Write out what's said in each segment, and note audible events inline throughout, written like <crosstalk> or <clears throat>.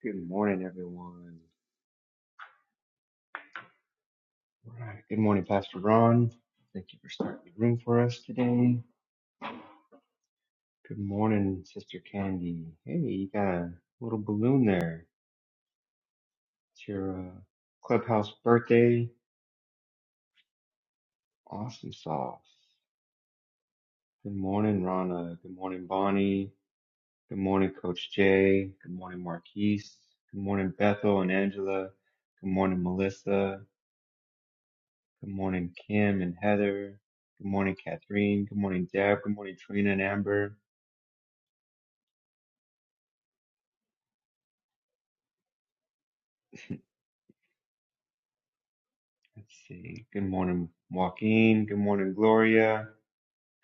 Good morning, everyone. All right. Good morning, Pastor Ron. Thank you for starting the room for us today. Good morning, Sister Candy. Hey, you got a little balloon there. It's your uh, clubhouse birthday. Awesome sauce. Good morning, Rana. Good morning, Bonnie. Good morning, Coach Jay. Good morning, Marquise. Good morning, Bethel and Angela. Good morning, Melissa. Good morning, Kim and Heather. Good morning, Catherine. Good morning, Deb. Good morning, Trina and Amber. Let's see. Good morning, Joaquin. Good morning, Gloria.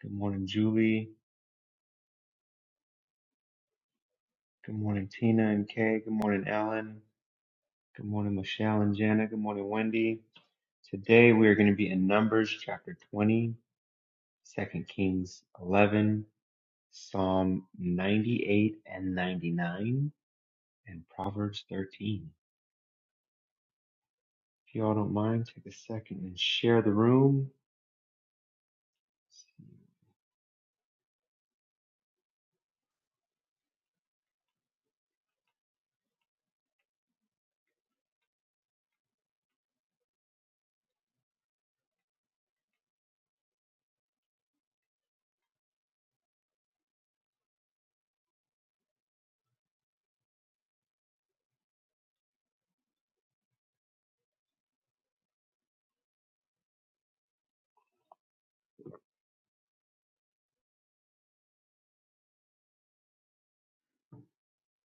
Good morning, Julie. Good morning, Tina and Kay. Good morning, Ellen. Good morning, Michelle and Jana. Good morning, Wendy. Today we are going to be in Numbers chapter 20, Second Kings 11, Psalm 98 and 99, and Proverbs 13. If you all don't mind, take a second and share the room.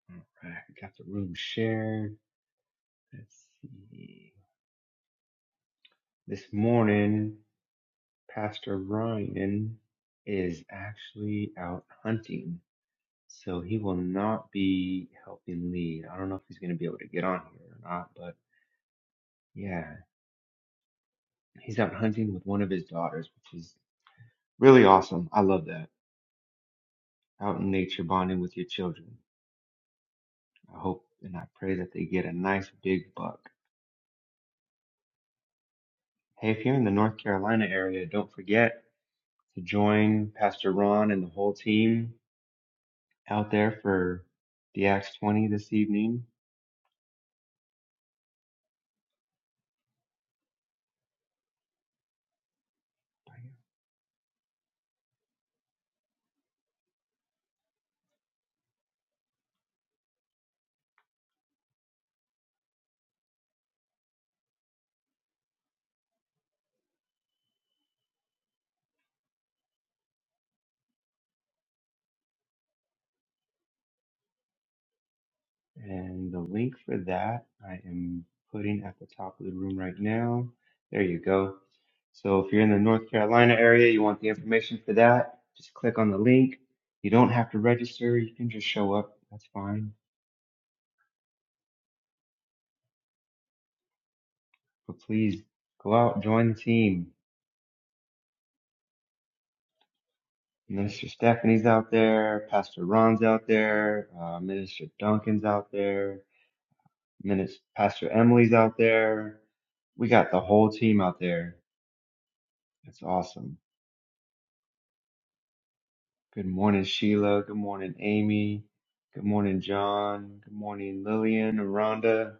All right, we got the room shared. Let's see. This morning, Pastor Ryan is actually out hunting, so he will not be helping lead. I don't know if he's going to be able to get on here or not, but yeah, he's out hunting with one of his daughters, which is really awesome. I love that. Out in nature, bonding with your children. I hope and I pray that they get a nice big buck. Hey, if you're in the North Carolina area, don't forget. to join Pastor Ron and the whole team out there for the Acts 20 this evening. And the link for that I am putting at the top of the room right now. There you go. So if you're in the North Carolina area, you want the information for that, just click on the link. You don't have to register, you can just show up. That's fine. But please go out, join the team. Minister Stephanie's out there, Pastor Ron's out there, uh, Minister Duncan's out there, And then it's Pastor Emily's out there. We got the whole team out there. It's awesome. Good morning, Sheila. Good morning, Amy. Good morning, John. Good morning, Lillian, Rhonda. If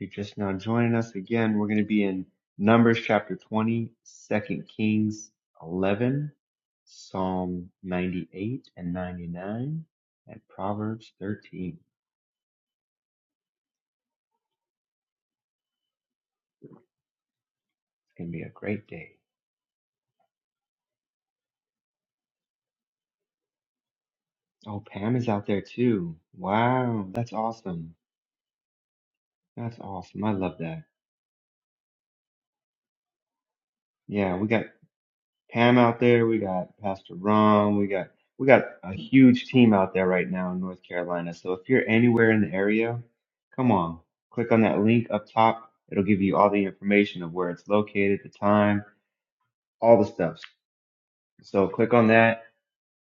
you're just now joining us again, we're going to be in Numbers chapter 20, Second Kings 11, Psalm 98 and 99, and Proverbs 13. It's going to be a great day. Oh, Pam is out there too. Wow, that's awesome. That's awesome. I love that. Yeah, we got Pam out there. We got Pastor Ron. We got we got a huge team out there right now in North Carolina. So if you're anywhere in the area, come on, click on that link up top. It'll give you all the information of where it's located, the time, all the stuff. So click on that.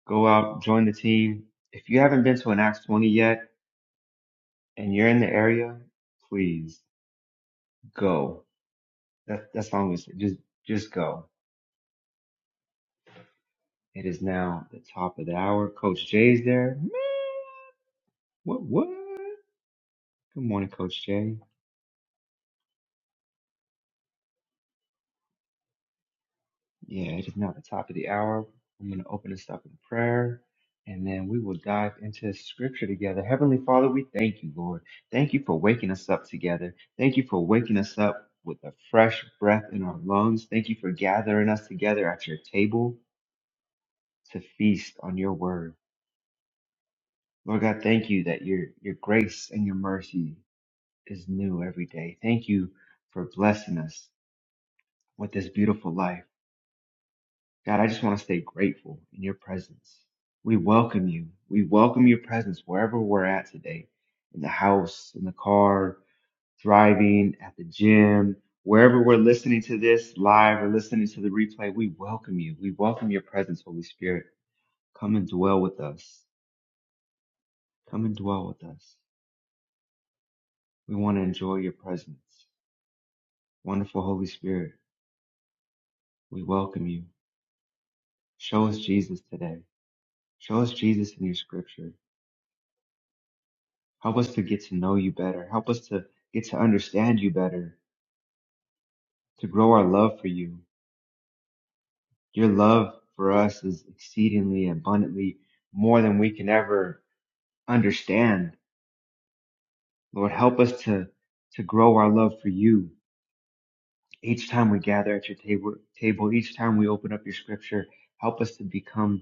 Go out, join the team. If you haven't been to an Acts 20 yet and you're in the area, please go. That that's all I'm gonna say. Just just go. It is now the top of the hour. Coach Jay's there. Man, What what? Good morning, Coach Jay. Yeah, it is now the top of the hour. I'm gonna open this up in prayer. And then we will dive into scripture together. Heavenly Father, we thank you, Lord. Thank you for waking us up together. Thank you for waking us up with a fresh breath in our lungs. Thank you for gathering us together at your table to feast on your word. Lord God, thank you that your your grace and your mercy is new every day. Thank you for blessing us with this beautiful life. God, I just want to stay grateful in your presence. We welcome you. We welcome your presence wherever we're at today in the house, in the car, driving, at the gym, wherever we're listening to this live or listening to the replay. We welcome you. We welcome your presence, Holy Spirit. Come and dwell with us. Come and dwell with us. We want to enjoy your presence. Wonderful Holy Spirit, we welcome you. Show us Jesus today. Show us Jesus in your scripture. Help us to get to know you better. Help us to get to understand you better, to grow our love for you. Your love for us is exceedingly abundantly more than we can ever understand. Lord, help us to, to grow our love for you. Each time we gather at your table, table, each time we open up your scripture, help us to become,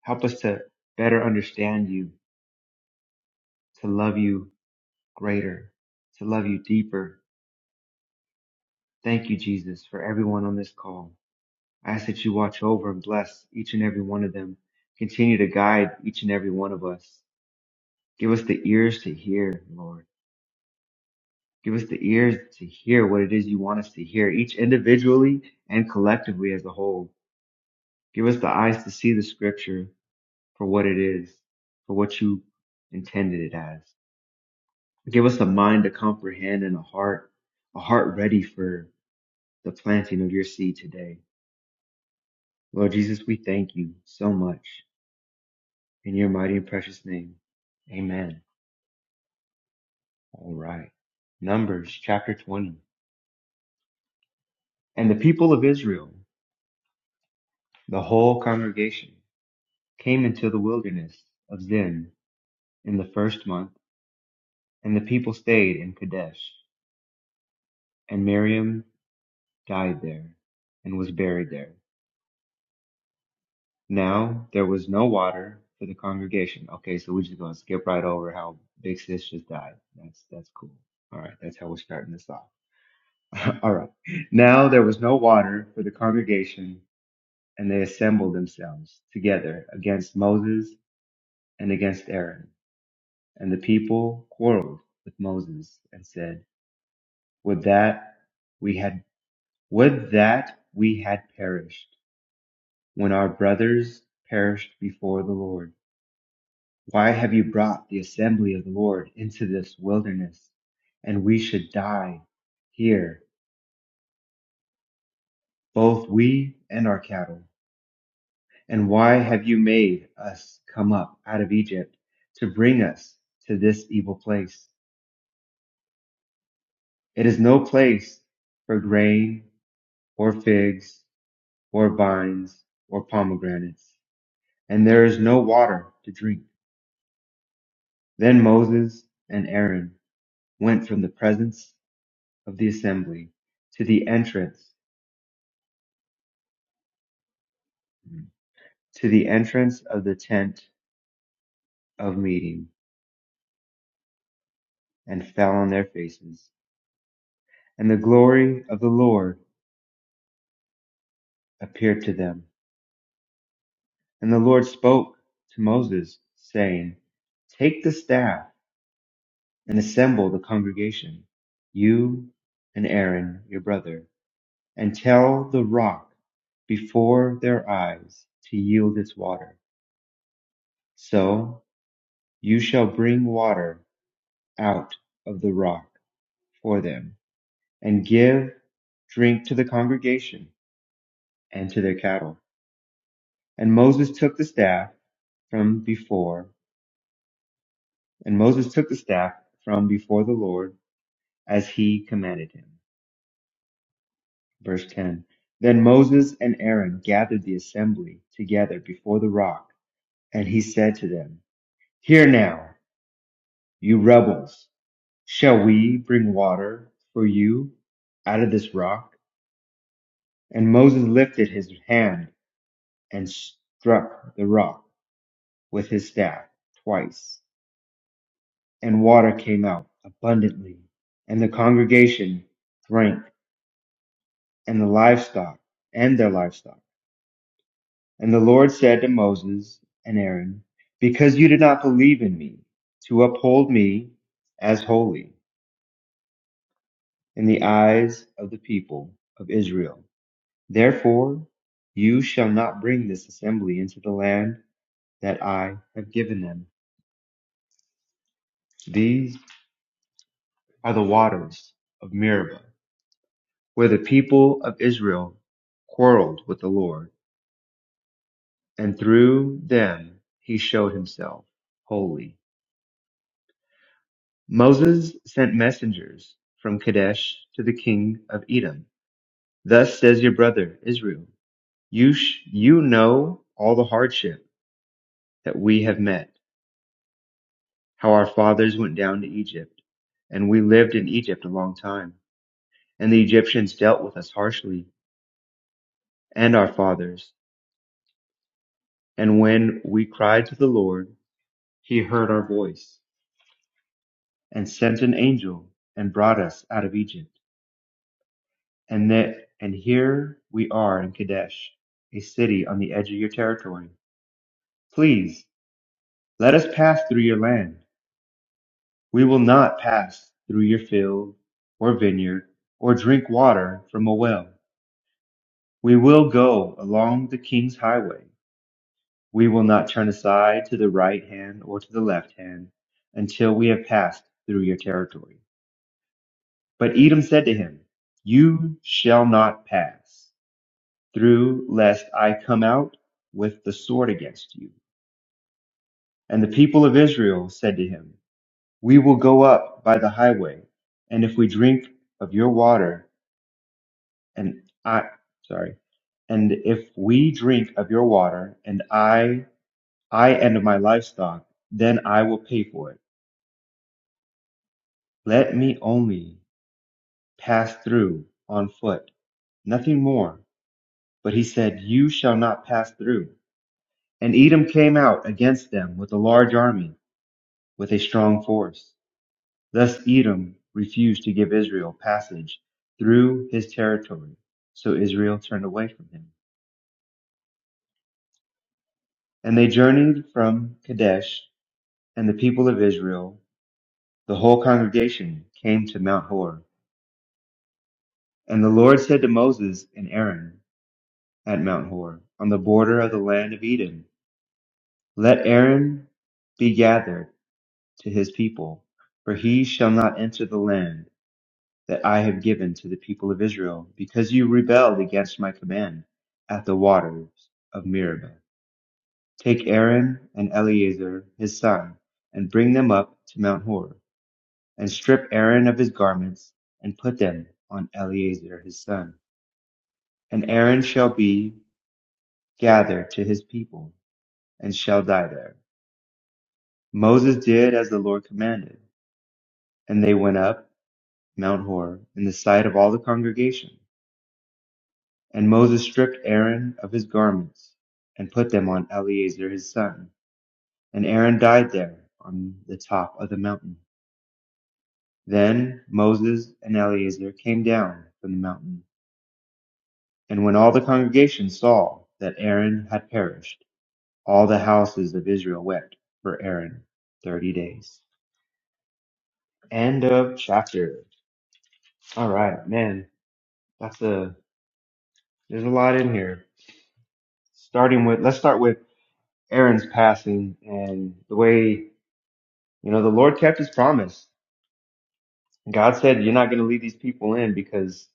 help us to better understand you, to love you greater, to love you deeper, Thank you, Jesus, for everyone on this call. I ask that you watch over and bless each and every one of them. Continue to guide each and every one of us. Give us the ears to hear, Lord. Give us the ears to hear what it is you want us to hear, each individually and collectively as a whole. Give us the eyes to see the scripture for what it is, for what you intended it as. Give us a mind to comprehend and a heart, a heart ready for the planting of your seed today. Lord Jesus, we thank you so much in your mighty and precious name. Amen. All right. Numbers chapter 20. And the people of Israel, the whole congregation, came into the wilderness of Zin in the first month, and the people stayed in Kadesh. And Miriam died there and was buried there. Now there was no water for the congregation. Okay, so we're just going to skip right over how Big Sis just died. That's, that's cool. All right, that's how we're starting this off. <laughs> All right. Now there was no water for the congregation, and they assembled themselves together against Moses and against Aaron. And the people quarreled with Moses and said, Would that we had, would that we had perished when our brothers perished before the Lord. Why have you brought the assembly of the Lord into this wilderness? And we should die here, both we and our cattle. And why have you made us come up out of Egypt to bring us to this evil place? It is no place for grain or figs or vines or pomegranates, and there is no water to drink. Then Moses and Aaron went from the presence of the assembly to the entrance, to the entrance of the tent of meeting, and fell on their faces. And the glory of the Lord appeared to them. And the Lord spoke to Moses, saying, Take the staff and assemble the congregation, you and Aaron your brother, and tell the rock before their eyes to yield its water. So you shall bring water out of the rock for them, and give drink to the congregation and to their cattle. And Moses took the staff from before, and Moses took the staff from before the Lord as he commanded him. Verse 10 Then Moses and Aaron gathered the assembly together before the rock, and he said to them, Hear now, you rebels, shall we bring water for you out of this rock? And Moses lifted his hand and struck the rock with his staff twice, and water came out abundantly. And the congregation drank, and the livestock and their livestock And the Lord said to Moses and Aaron, Because you did not believe in me to uphold me as holy in the eyes of the people of Israel, therefore you shall not bring this assembly into the land that I have given them. These are the waters of Meribah, where the people of Israel quarreled with the Lord, and through them he showed himself holy. Moses sent messengers from Kadesh to the king of Edom. Thus says your brother Israel, you, sh- you know all the hardship that we have met, how our fathers went down to Egypt, and we lived in Egypt a long time. And the Egyptians dealt with us harshly, and our fathers. And when we cried to the Lord, he heard our voice, and sent an angel, and brought us out of Egypt. And that and here we are in Kadesh, a city on the edge of your territory. Please let us pass through your land. We will not pass through your field or vineyard or drink water from a well. We will go along the king's highway. We will not turn aside to the right hand or to the left hand until we have passed through your territory. But Edom said to him, You shall not pass. through, lest I come out with the sword against you. And the people of Israel said to him, We will go up by the highway, and if we drink of your water, and I, sorry, and if we drink of your water, and I, I and my livestock, then I will pay for it. Let me only pass through on foot, nothing more. But he said, You shall not pass through. And Edom came out against them with a large army with a strong force. Thus Edom refused to give Israel passage through his territory, so Israel turned away from him. And they journeyed from Kadesh, and the people of Israel, the whole congregation, came to Mount Hor. And the Lord said to Moses and Aaron at Mount Hor, on the border of the land of Edom, Let Aaron be gathered to his people, for he shall not enter the land that I have given to the people of Israel, because you rebelled against my command at the waters of Meribah. Take Aaron and Eleazar his son, and bring them up to Mount Hor, and strip Aaron of his garments, and put them on Eleazar his son. And Aaron shall be gathered to his people, and shall die there. Moses did as the Lord commanded, and they went up Mount Hor in the sight of all the congregation. And Moses stripped Aaron of his garments and put them on Eleazar his son. And Aaron died there on the top of the mountain. Then Moses and Eleazar came down from the mountain. And when all the congregation saw that Aaron had perished, all the houses of Israel wept for Aaron 30 days. End of chapter. All right, man. That's a, there's a lot in here. Starting with, let's start with Aaron's passing and the way You know, the Lord kept his promise. God said, You're not going to lead these people in because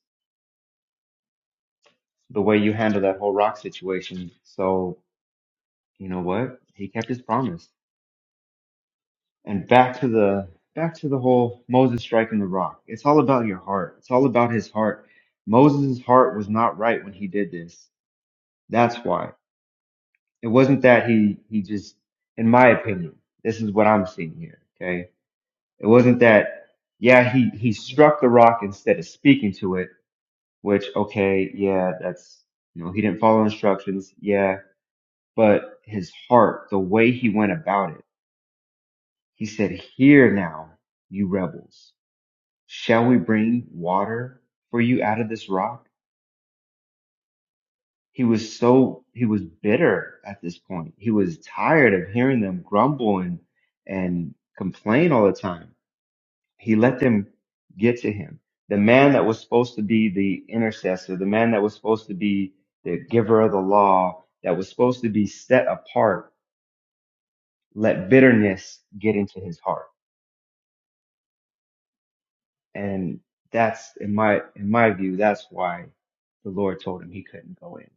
the way you handle that whole rock situation. So, you know what? He kept his promise. And back to the back to the whole Moses striking the rock. It's all about your heart. It's all about his heart. Moses' heart was not right when he did this. That's why. It wasn't that he he just in my opinion, this is what I'm seeing here. Okay. It wasn't that yeah, he, he struck the rock instead of speaking to it which okay, yeah, that's you know, he didn't follow instructions, yeah, but his heart, the way he went about it, he said, "Here now, you rebels, shall we bring water for you out of this rock?" He was so he was bitter at this point. He was tired of hearing them grumble and and complain all the time he let them get to him. The man that was supposed to be the intercessor, the man that was supposed to be the giver of the law, that was supposed to be set apart, let bitterness get into his heart. And that's in my in my view, that's why the Lord told him he couldn't go in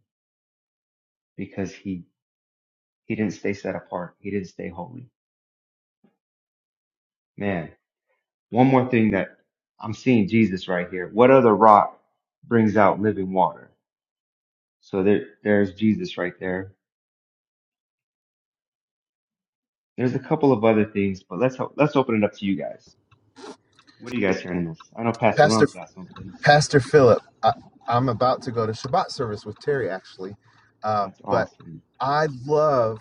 because he he didn't stay set apart. He didn't stay holy. Man, one more thing that I'm seeing Jesus right here. What other rock brings out living water? So there, there's Jesus right there There's a couple of other things, but let's ho- let's open it up to you guys. What are you guys hearing in this? I know Pastor Pastor Ron's got something. Pastor Philip, I, I'm about to go to Shabbat service with Terry actually, uh, That's but awesome. I love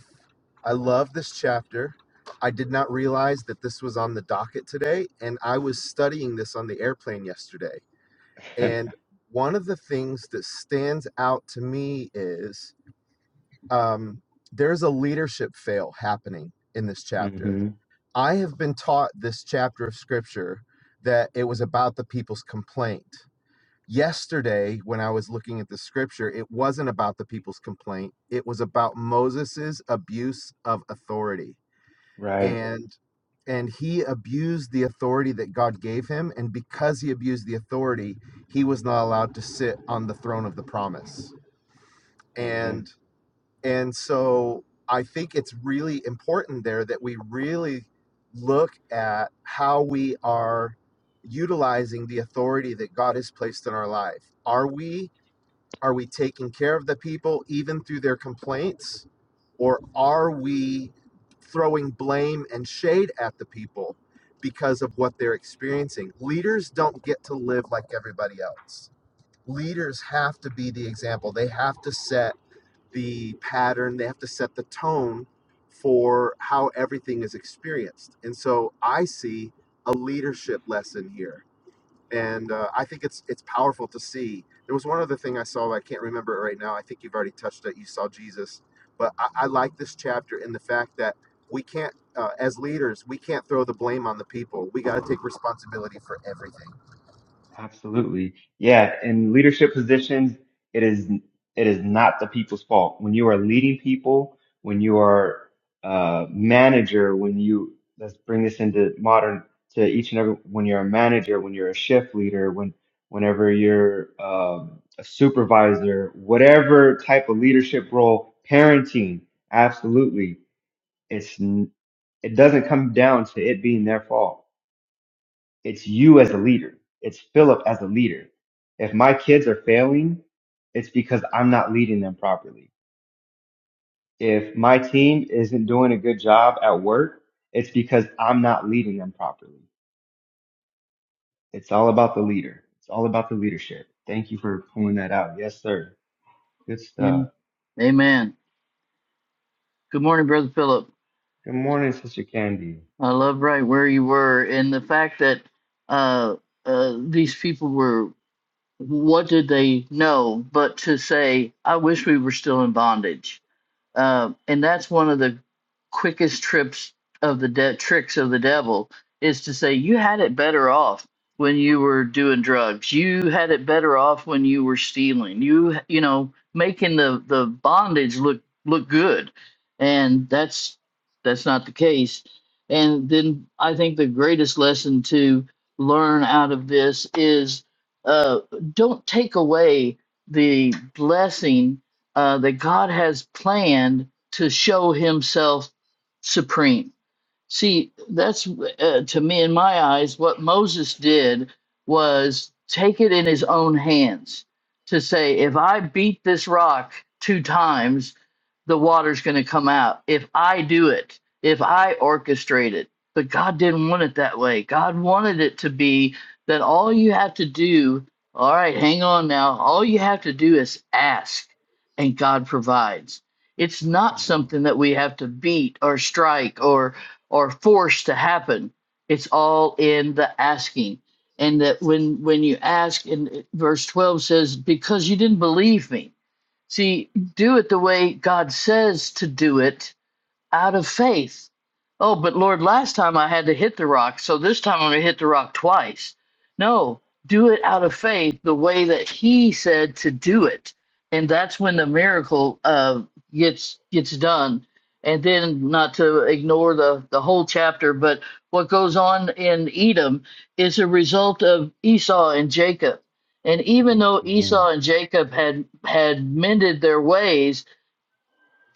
I love this chapter. I did not realize that this was on the docket today, and I was studying this on the airplane yesterday. <laughs> And one of the things that stands out to me is um, there's a leadership fail happening in this chapter. hmm I have been taught this chapter of scripture that it was about the people's complaint yesterday when I was looking at the scripture, it wasn't about the people's complaint. It was about Moses's abuse of authority. Right. And and he abused the authority that God gave him. And because he abused the authority, he was not allowed to sit on the throne of the promise. And Amen. and so I think it's really important there that we really look at how we are utilizing the authority that God has placed in our life. Are we are we taking care of the people even through their complaints? Or are we throwing blame and shade at the people because of what they're experiencing? Leaders don't get to live like everybody else. Leaders have to be the example, they have to set the pattern, they have to set the tone for how everything is experienced. And so I see a leadership lesson here and uh, I think it's it's powerful to see. There was one other thing I saw. I can't remember it right now. I think you've already touched it. You saw Jesus, but I, I like this chapter in the fact that we can't, uh, as leaders, we can't throw the blame on the people. We got to take responsibility for everything. Absolutely. Yeah, in leadership positions, it is it is not the people's fault. When you are leading people, when you are a manager, when you let's bring this into modern to each and every when you're a manager, when you're a shift leader, when whenever you're um, a supervisor, whatever type of leadership role, parenting, absolutely. It's n- it doesn't come down to it being their fault. It's you as the leader. It's Philip as the leader. If my kids are failing, it's because I'm not leading them properly. If my team isn't doing a good job at work, it's because I'm not leading them properly. It's all about the leader. It's all about the leadership. Thank you for pulling that out. Yes, sir. Good stuff. Am- Amen. Good morning, Brother Philip. Good morning, Sister Candy. I love right where you were, and the fact that uh, uh, these people were, what did they know but to say, I wish we were still in bondage? um, and that's one of the quickest trips of the de- tricks of the devil is to say you had it better off when you were doing drugs you had it better off when you were stealing you you know making the the bondage look look good and that's that's not the case and then i think the greatest lesson to learn out of this is uh, don't take away the blessing uh, that God has planned to show Himself supreme. See, that's uh, to me, in my eyes, what Moses did was take it in his own hands to say, if I beat this rock two times, the water's going to come out. If I do it, if I orchestrate it. But God didn't want it that way. God wanted it to be that all you have to do, all right, hang on now, all you have to do is ask, and God provides. It's not Come on. something that we have to beat or strike or or forced to happen. It's all in the asking. And that when when you ask, and verse 12 says, because you didn't believe me. See, do it the way God says to do it out of faith. Oh, but Lord, last time I had to hit the rock, so this time I'm going to hit the rock twice. No, do it out of faith the way that He said to do it, and that's when the miracle uh, gets gets done. And then, not to ignore the the whole chapter, but what goes on in Edom is a result of Esau and Jacob. And even Yes, though man. Esau and Jacob had had mended their ways,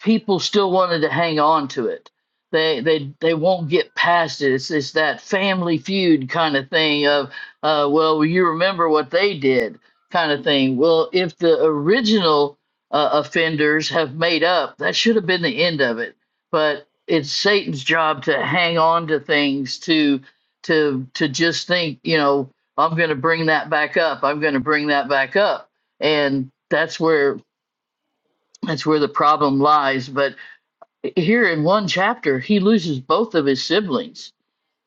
people still wanted to hang on to it. They they they won't get past it. It's it's that family feud kind of thing of uh well well, you remember what they did kind of thing. Well, if the original uh, offenders have made up, that should have been the end of it. But it's Satan's job to hang on to things to to to just think, you know, I'm going to bring that back up. I'm going to bring that back up. And that's where that's where the problem lies, but here in one chapter, he loses both of his siblings.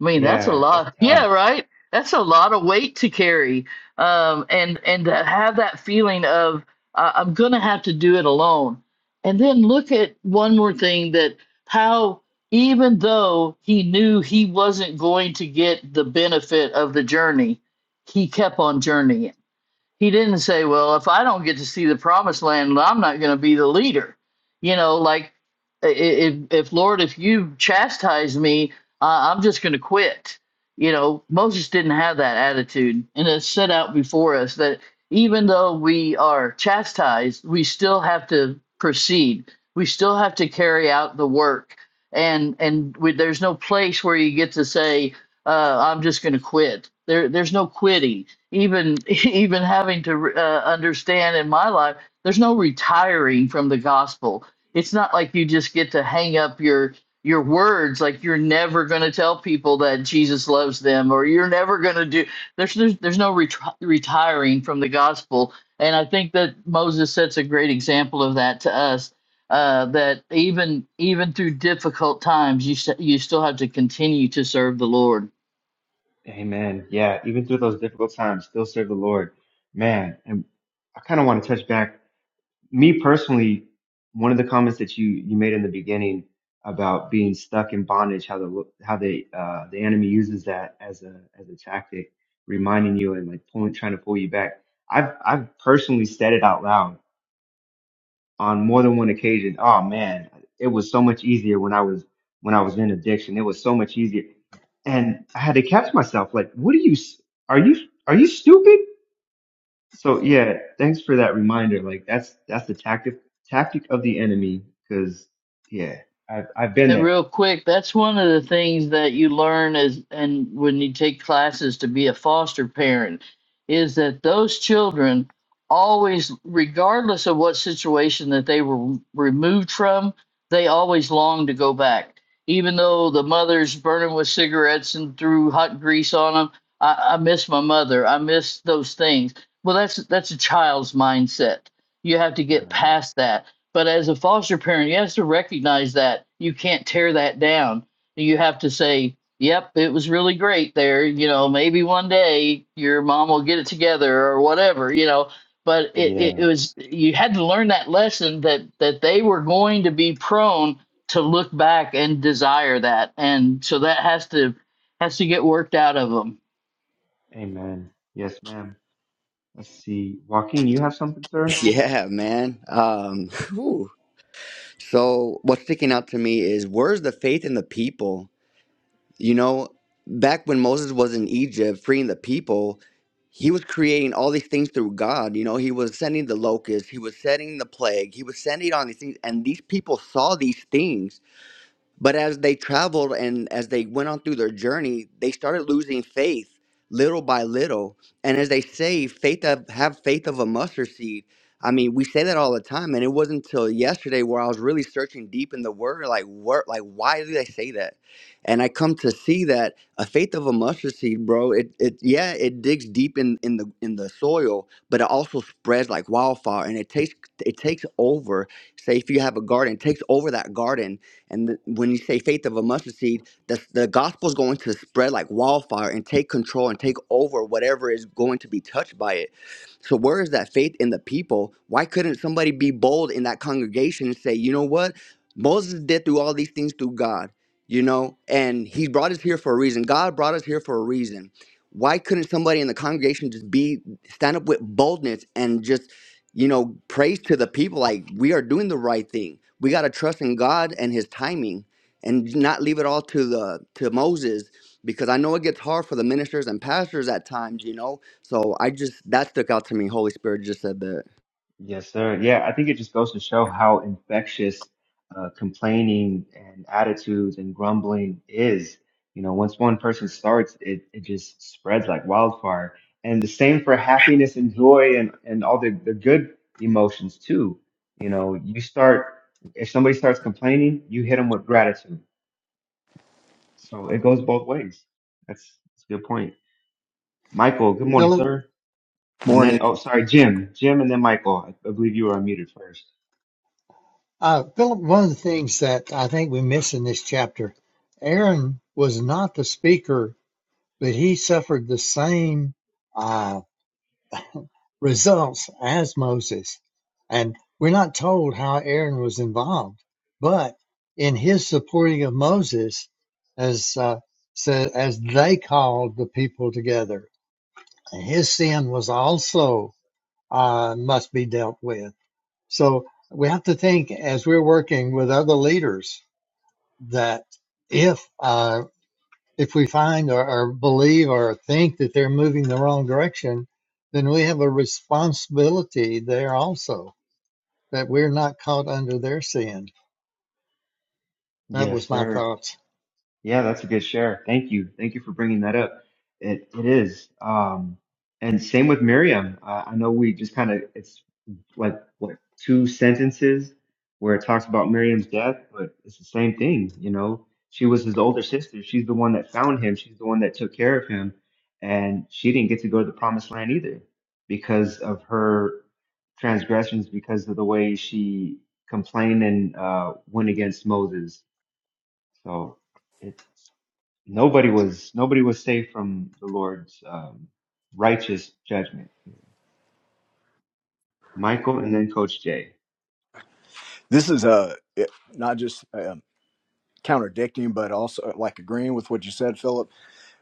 I mean, that's a Yeah, that's lot. Yeah, tough. right? That's a lot of weight to carry. Um, and and to have that feeling of uh, I'm gonna have to do it alone. And then look at one more thing that how even though he knew he wasn't going to get the benefit of the journey, he kept on journeying he didn't say, "Well, if I don't get to see the promised land, I'm not going to be the leader." You know, like if if Lord, if you chastise me, uh, I'm just going to quit. You know, Moses didn't have that attitude, and it's set out before us that even though we are chastised, we still have to proceed. We still have to carry out the work, and and we, there's no place where you get to say, uh, "I'm just going to quit." There, there's no quitting even <laughs> even having to uh, understand in my life there's no retiring from the gospel it's not like you just get to hang up your your words like you're never going to tell people that Jesus loves them or you're never going to do there's there's, there's no retri- retiring from the gospel and i think that Moses sets a great example of that to us uh, that even even through difficult times you s- you still have to continue to serve the lord Amen. Yeah, even through those difficult times, still serve the Lord. Man, and I kind of want to touch back me personally, one of the comments that you you made in the beginning about being stuck in bondage, how the how the uh, the enemy uses that as a as a tactic, reminding you and like pulling, trying to pull you back. I've I've personally said it out loud on more than one occasion. Oh man, it was so much easier when I was when I was in addiction. It was so much easier, and I had to catch myself. Like, what are you? s- Are you are you stupid? So yeah, thanks for that reminder. Like that's that's the tactic tactic of the enemy. Cause yeah, I've I've been And there. real quick, that's one of the things that you learn as and when you take classes to be a foster parent is that those children always regardless of what situation that they were removed from, they always long to go back. Even though the mother's burning with cigarettes and threw hot grease on them, I, I miss my mother. I miss those things. Well, that's that's a child's mindset. You have to get Right. past that but as a foster parent, you have to recognize that you can't tear that down. You have to say, "Yep, it was really great there. You know, maybe one day your mom will get it together or whatever." You know, but it, it, it Yeah. was you had to learn that lesson that that they were going to be prone to look back and desire that, and so that has to has to get worked out of them. Amen. Yes, ma'am. Let's see. Joaquin, you have something, sir? <laughs> Yeah, man. Um, whew. So, what's sticking out to me is where's the faith in the people? You know, back when Moses was in Egypt freeing the people, he was creating all these things through God. You know, he was sending the locusts, he was sending the plague, he was sending all these things, and these people saw these things but as they traveled and as they went on through their journey, they started losing faith little by little. And as they say, faith of, have faith of a mustard seed. I mean, we say that all the time, and it wasn't until yesterday where I was really searching deep in the word, like word, like why do they say that? And I come to see that a faith of a mustard seed, bro. It, it yeah, it digs deep in in the in the soil, but it also spreads like wildfire, and it takes it takes over. Say if you have a garden, it takes over that garden and th- when you say faith of a mustard seed, the, the gospel is going to spread like wildfire and take control and take over whatever is going to be touched by it. So, where is that faith in the people? Why couldn't somebody be bold in that congregation and say, you know what? Moses did through all these things through God, you know, and he brought us here for a reason. God brought us here for a reason. Why couldn't somebody in the congregation just be stand up with boldness and just you know, praise to the people like we are doing the right thing. We got to trust in God and his timing and not leave it all to the to Moses because I know it gets hard for the ministers and pastors at times, you know. So I just that stuck out to me. Holy Spirit just said that. Yes, sir. Yeah, I think it just goes to show how infectious uh, complaining and attitudes and grumbling is. You know, once one person starts, it, it just spreads like wildfire. And the same for happiness and joy and, and all the, the good emotions too. You know, you start, if somebody starts complaining, you hit them with gratitude. So it goes both ways. That's, that's a good point. Michael, good morning, Philip, sir. And then, Morning. oh, sorry, Jim. Jim and then Michael. I, I believe you were unmuted first. uh, Philip, one of the things that I think we miss in this chapter, Aaron was not the speaker, but he suffered the same uh, results as Moses. And we're not told how Aaron was involved, but in his supporting of Moses, as uh, said, as they called the people together, and his sin was also uh, must be dealt with. So we have to think as we're working with other leaders that if uh, if we find or, or believe or think that they're moving the wrong direction, then we have a responsibility there also that we're not caught under their sin. That Yes, was my sir. thoughts. Yeah, that's a good share. Thank you. Thank you for bringing that up. It it is. Um, and same with Miriam. Uh, I know we just kind of it's like what two sentences where it talks about Miriam's death, but it's the same thing. You know, she was his older sister. She's the one that found him. She's the one that took care of him, and she didn't get to go to the promised land either because of her transgressions, because of the way she complained and uh, went against Moses so it nobody was nobody was safe from the Lord's um, righteous judgment. here. Michael and then Coach Jay. This is uh, it- not just um, contradicting, but also uh, like agreeing with what you said, Philip.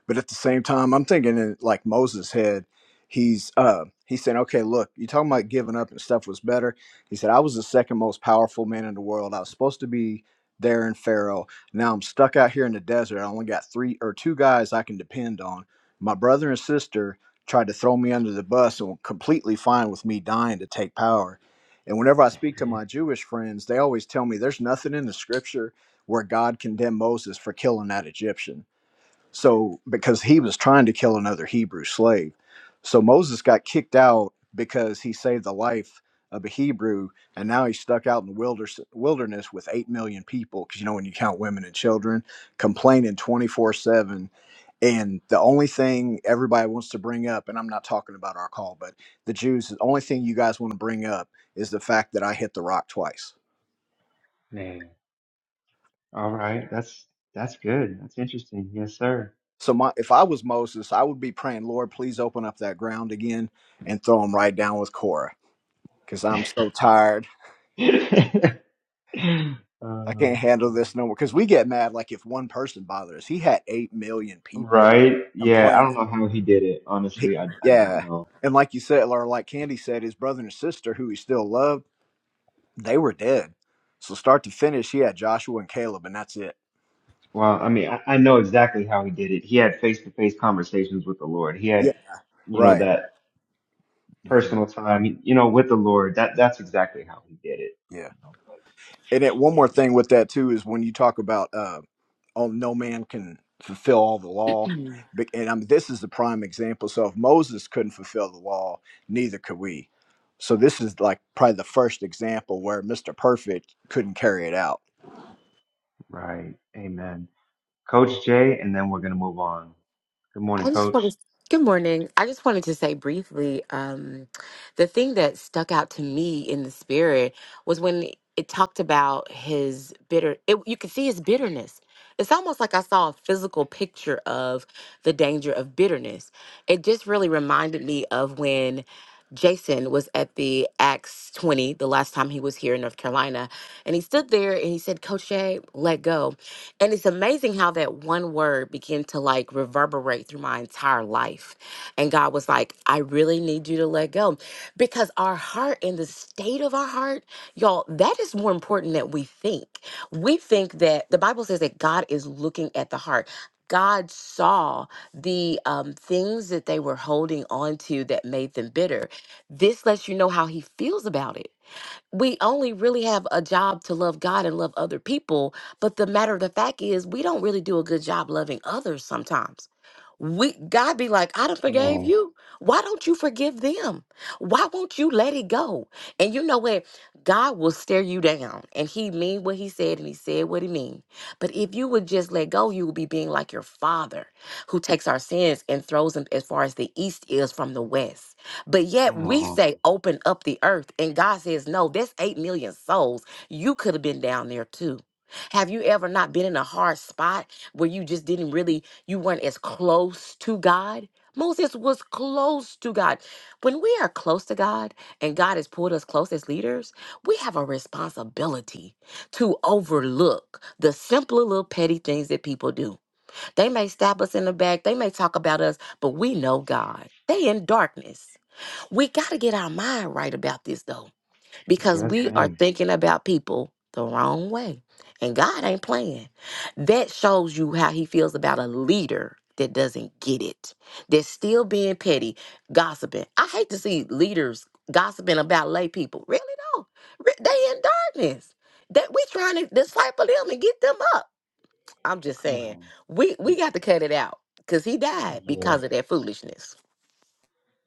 But at the same time, I'm thinking in, like Moses head, he's uh he's saying, okay, look, you're talking about giving up and stuff was better. He said, I was the second most powerful man in the world. I was supposed to be there in Pharaoh. Now I'm stuck out here in the desert. I only got three or two guys I can depend on. My brother and sister tried to throw me under the bus and were completely fine with me dying to take power. And whenever I speak to my Jewish friends, they always tell me there's nothing in the scripture where God condemned Moses for killing that Egyptian so, because he was trying to kill another Hebrew slave. So Moses got kicked out because he saved the life of a Hebrew, and now he's stuck out in the wilderness, wilderness with 8 million people, because you know, when you count women and children, complaining 24 7. And the only thing everybody wants to bring up, and I'm not talking about our call, but the Jews, the only thing you guys want to bring up is the fact that I hit the rock twice Man. All right, that's that's good. That's interesting. Yes, sir. So my, if I was Moses, I would be praying, Lord, please open up that ground again and throw him right down with Korah, because I'm so tired. <laughs> I Uh, can't handle this no more. Because we get mad like if one person bothers. He had eight million people right? Yeah, I complaining. don't know how he did it. He- Honestly, I I don't yeah, know. and like you said, or like Candy said, his brother and sister, who he still loved, they were dead. So start to finish, he had Joshua and Caleb, and that's it. Well, I mean, I, I know exactly how he did it. He had face to face conversations with the Lord. He had, Yeah, you know, right. that. hmm personal time, you know, with the Lord. That that's exactly how he did it. Yeah. You know, but And it, one yeah, more thing with that too is when you talk about uh, oh, no man can fulfill all the law, Mm. Be- and I mean, this is the prime example. So if Moses couldn't fulfill the law, neither could we. So this is like probably the first example where Mr. Perfect couldn't carry it out. right. Amen. Coach Jay, and then we're gonna move on. Good morning, I just Coach. want to, good morning. I just wanted to say briefly, um, the thing that stuck out to me in the spirit was when it talked about his bitter, it, you could see his bitterness. It's almost like I saw a physical picture of the danger of bitterness. It just really reminded me of when Jason was at the Acts 20, the last time he was here in North Carolina, and he stood there and he said, Coach Jay, let go. And it's amazing how that one word began to like reverberate through my entire life. And God was like, I really need you to let go because our heart and the state of our heart, y'all, that is more important than we think. We think that the Bible says that God is looking at the heart. God saw the um, things that they were holding on to that made them bitter. This lets you know how he feels about it we only really have a job to love God and love other people. But the matter of the fact is, we don't really do a good job loving others sometimes we God be like, I done Come forgave on, you. Why don't you forgive them? Why won't you let it go? And you know what? God will stare you down and he mean what he said and he said what he mean. But if you would just let go, you would be being like your father who takes our sins and throws them as far as the east is from the west. But yet come we on. say open up the earth and God says, No, that's eight million souls. You could have been down there too. Have you ever not been in a hard spot where you just didn't really you weren't as close to God. Moses was close to God. When we are close to God and God has pulled us close as leaders, we have a responsibility to overlook the simpler little petty things that people do. They may stab us in the back, they may talk about us, but we know God. They in darkness. We got to get our mind right about this though because Yes, we are ma'am. thinking about people the wrong way. And God ain't playing. That shows you how he feels about a leader that doesn't get it. That's still being petty, gossiping. I hate to see leaders gossiping about lay people. Really though. Re- They in darkness. That we trying to disciple them and get them up. I'm just Come saying, on. we we Y- got to cut it out. Cause he died because of Yes. that foolishness.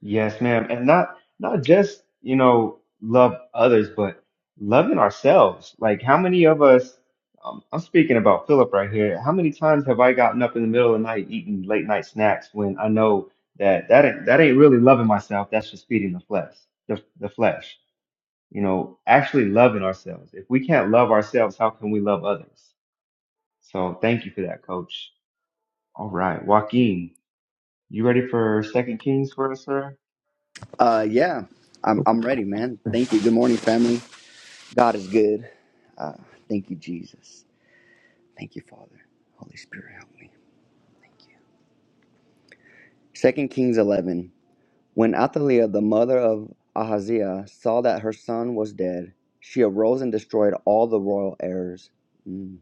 Yes, ma'am. And not not just, you know, love others, but loving ourselves. Like how many of us, um, I'm speaking about Philip right here. How many times have I gotten up in the middle of the night eating late night snacks when I know that that ain't, that ain't really loving myself. That's just feeding the flesh, the, the flesh, you know, actually loving ourselves. If we can't love ourselves, how can we love others? So thank you for that, coach. All right. Joaquin, you ready for Second Kings for us, sir? Uh yeah. I'm I'm ready, man. Thank you. Good morning, family. God is good. Uh thank you Jesus. Thank you, Father. Holy Spirit help me. Second Kings 11. When Athaliah, the mother of Ahaziah, saw that her son was dead, she arose and destroyed all the royal heirs. Mm.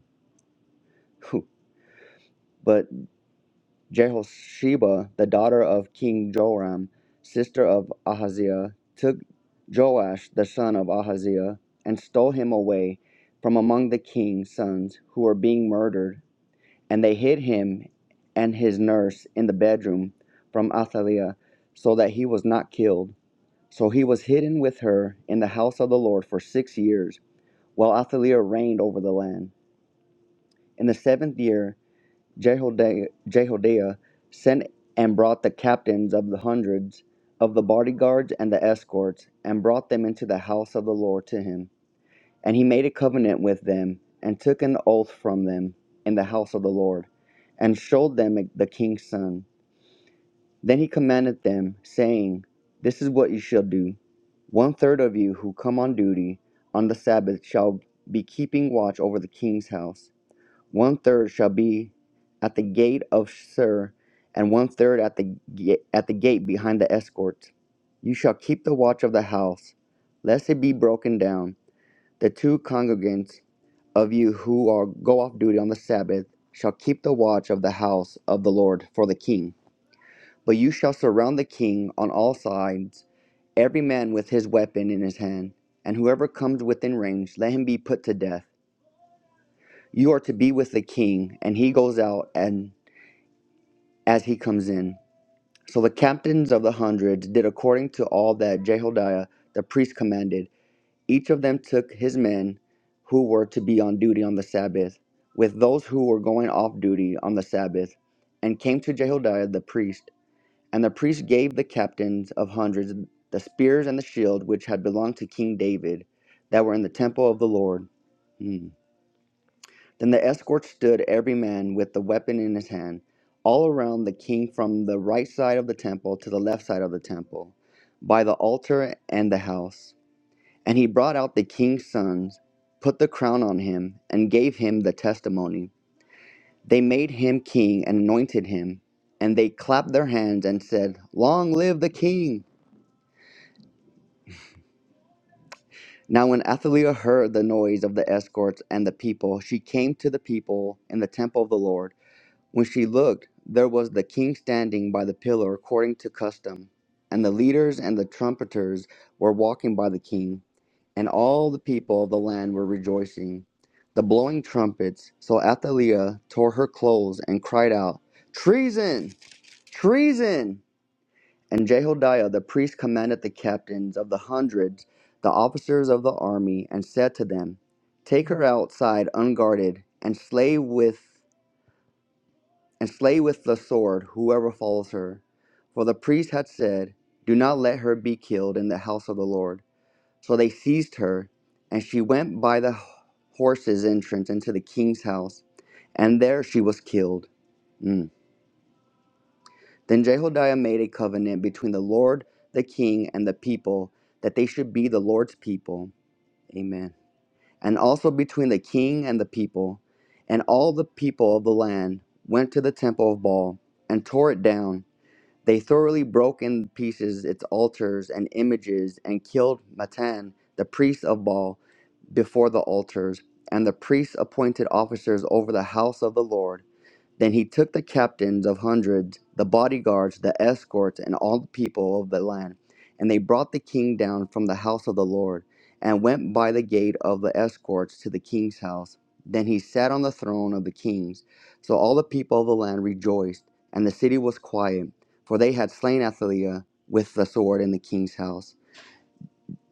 But Jehosheba, the daughter of King Joram, sister of Ahaziah, took Joash, the son of Ahaziah, and stole him away from among the king's sons who were being murdered. And they hid him and his nurse in the bedroom from Athaliah so that he was not killed. So he was hidden with her in the house of the Lord for six years, while Athaliah reigned over the land. In the seventh year, Jehoda- Jehoiada sent and brought the captains of the hundreds of the bodyguards and the escorts, and brought them into the house of the Lord to him. And he made a covenant with them, and took an oath from them in the house of the Lord, and showed them the king's son. Then he commanded them, saying, This is what you shall do. One third of you who come on duty on the Sabbath shall be keeping watch over the king's house. One third shall be at the gate of Sir, and one third at the ga- at the gate behind the escorts. You shall keep the watch of the house, lest it be broken down. The two congregants of you who are go off duty on the Sabbath shall keep the watch of the house of the Lord for the king. But you shall surround the king on all sides, every man with his weapon in his hand. And whoever comes within range, let him be put to death. You are to be with the king, and he goes out and as he comes in. So the captains of the hundreds did according to all that Jehodiah the priest commanded. Each of them took his men who were to be on duty on the Sabbath, with those who were going off duty on the Sabbath, and came to Jehodiah the priest. And the priest gave the captains of hundreds the spears and the shield which had belonged to King David, that were in the temple of the Lord. Hmm. Then the escorts stood every man with the weapon in his hand, all around the king from the right side of the temple to the left side of the temple, by the altar and the house. And he brought out the king's sons, put the crown on him, and gave him the testimony. They made him king and anointed him, and they clapped their hands and said, Long live the king! Now, when Athaliah heard the noise of the escorts and the people, she came to the people in the temple of the Lord. When she looked, there was the king standing by the pillar according to custom, and the leaders and the trumpeters were walking by the king, and all the people of the land were rejoicing, the blowing trumpets. So Athaliah tore her clothes and cried out, Treason! Treason! And Jehoiada the priest commanded the captains of the hundreds, the officers of the army, and said to them, Take her outside unguarded, and slay with and slay with the sword whoever follows her. For the priest had said, Do not let her be killed in the house of the Lord. So they seized her, and she went by the horses' entrance into the king's house, and there she was killed. Mm. Then Jehodiah made a covenant between the Lord, the king, and the people that they should be the Lord's people. Amen. And also between the king and the people. And all the people of the land went to the temple of Baal and tore it down. They thoroughly broke in pieces its altars and images and killed Matan, the priest of Baal, before the altars, and the priests appointed officers over the house of the Lord. Then he took the captains of hundreds, the bodyguards, the escorts, and all the people of the land, and they brought the king down from the house of the Lord, and went by the gate of the escorts to the king's house. Then he sat on the throne of the kings. So all the people of the land rejoiced, and the city was quiet, for they had slain Athaliah with the sword in the king's house.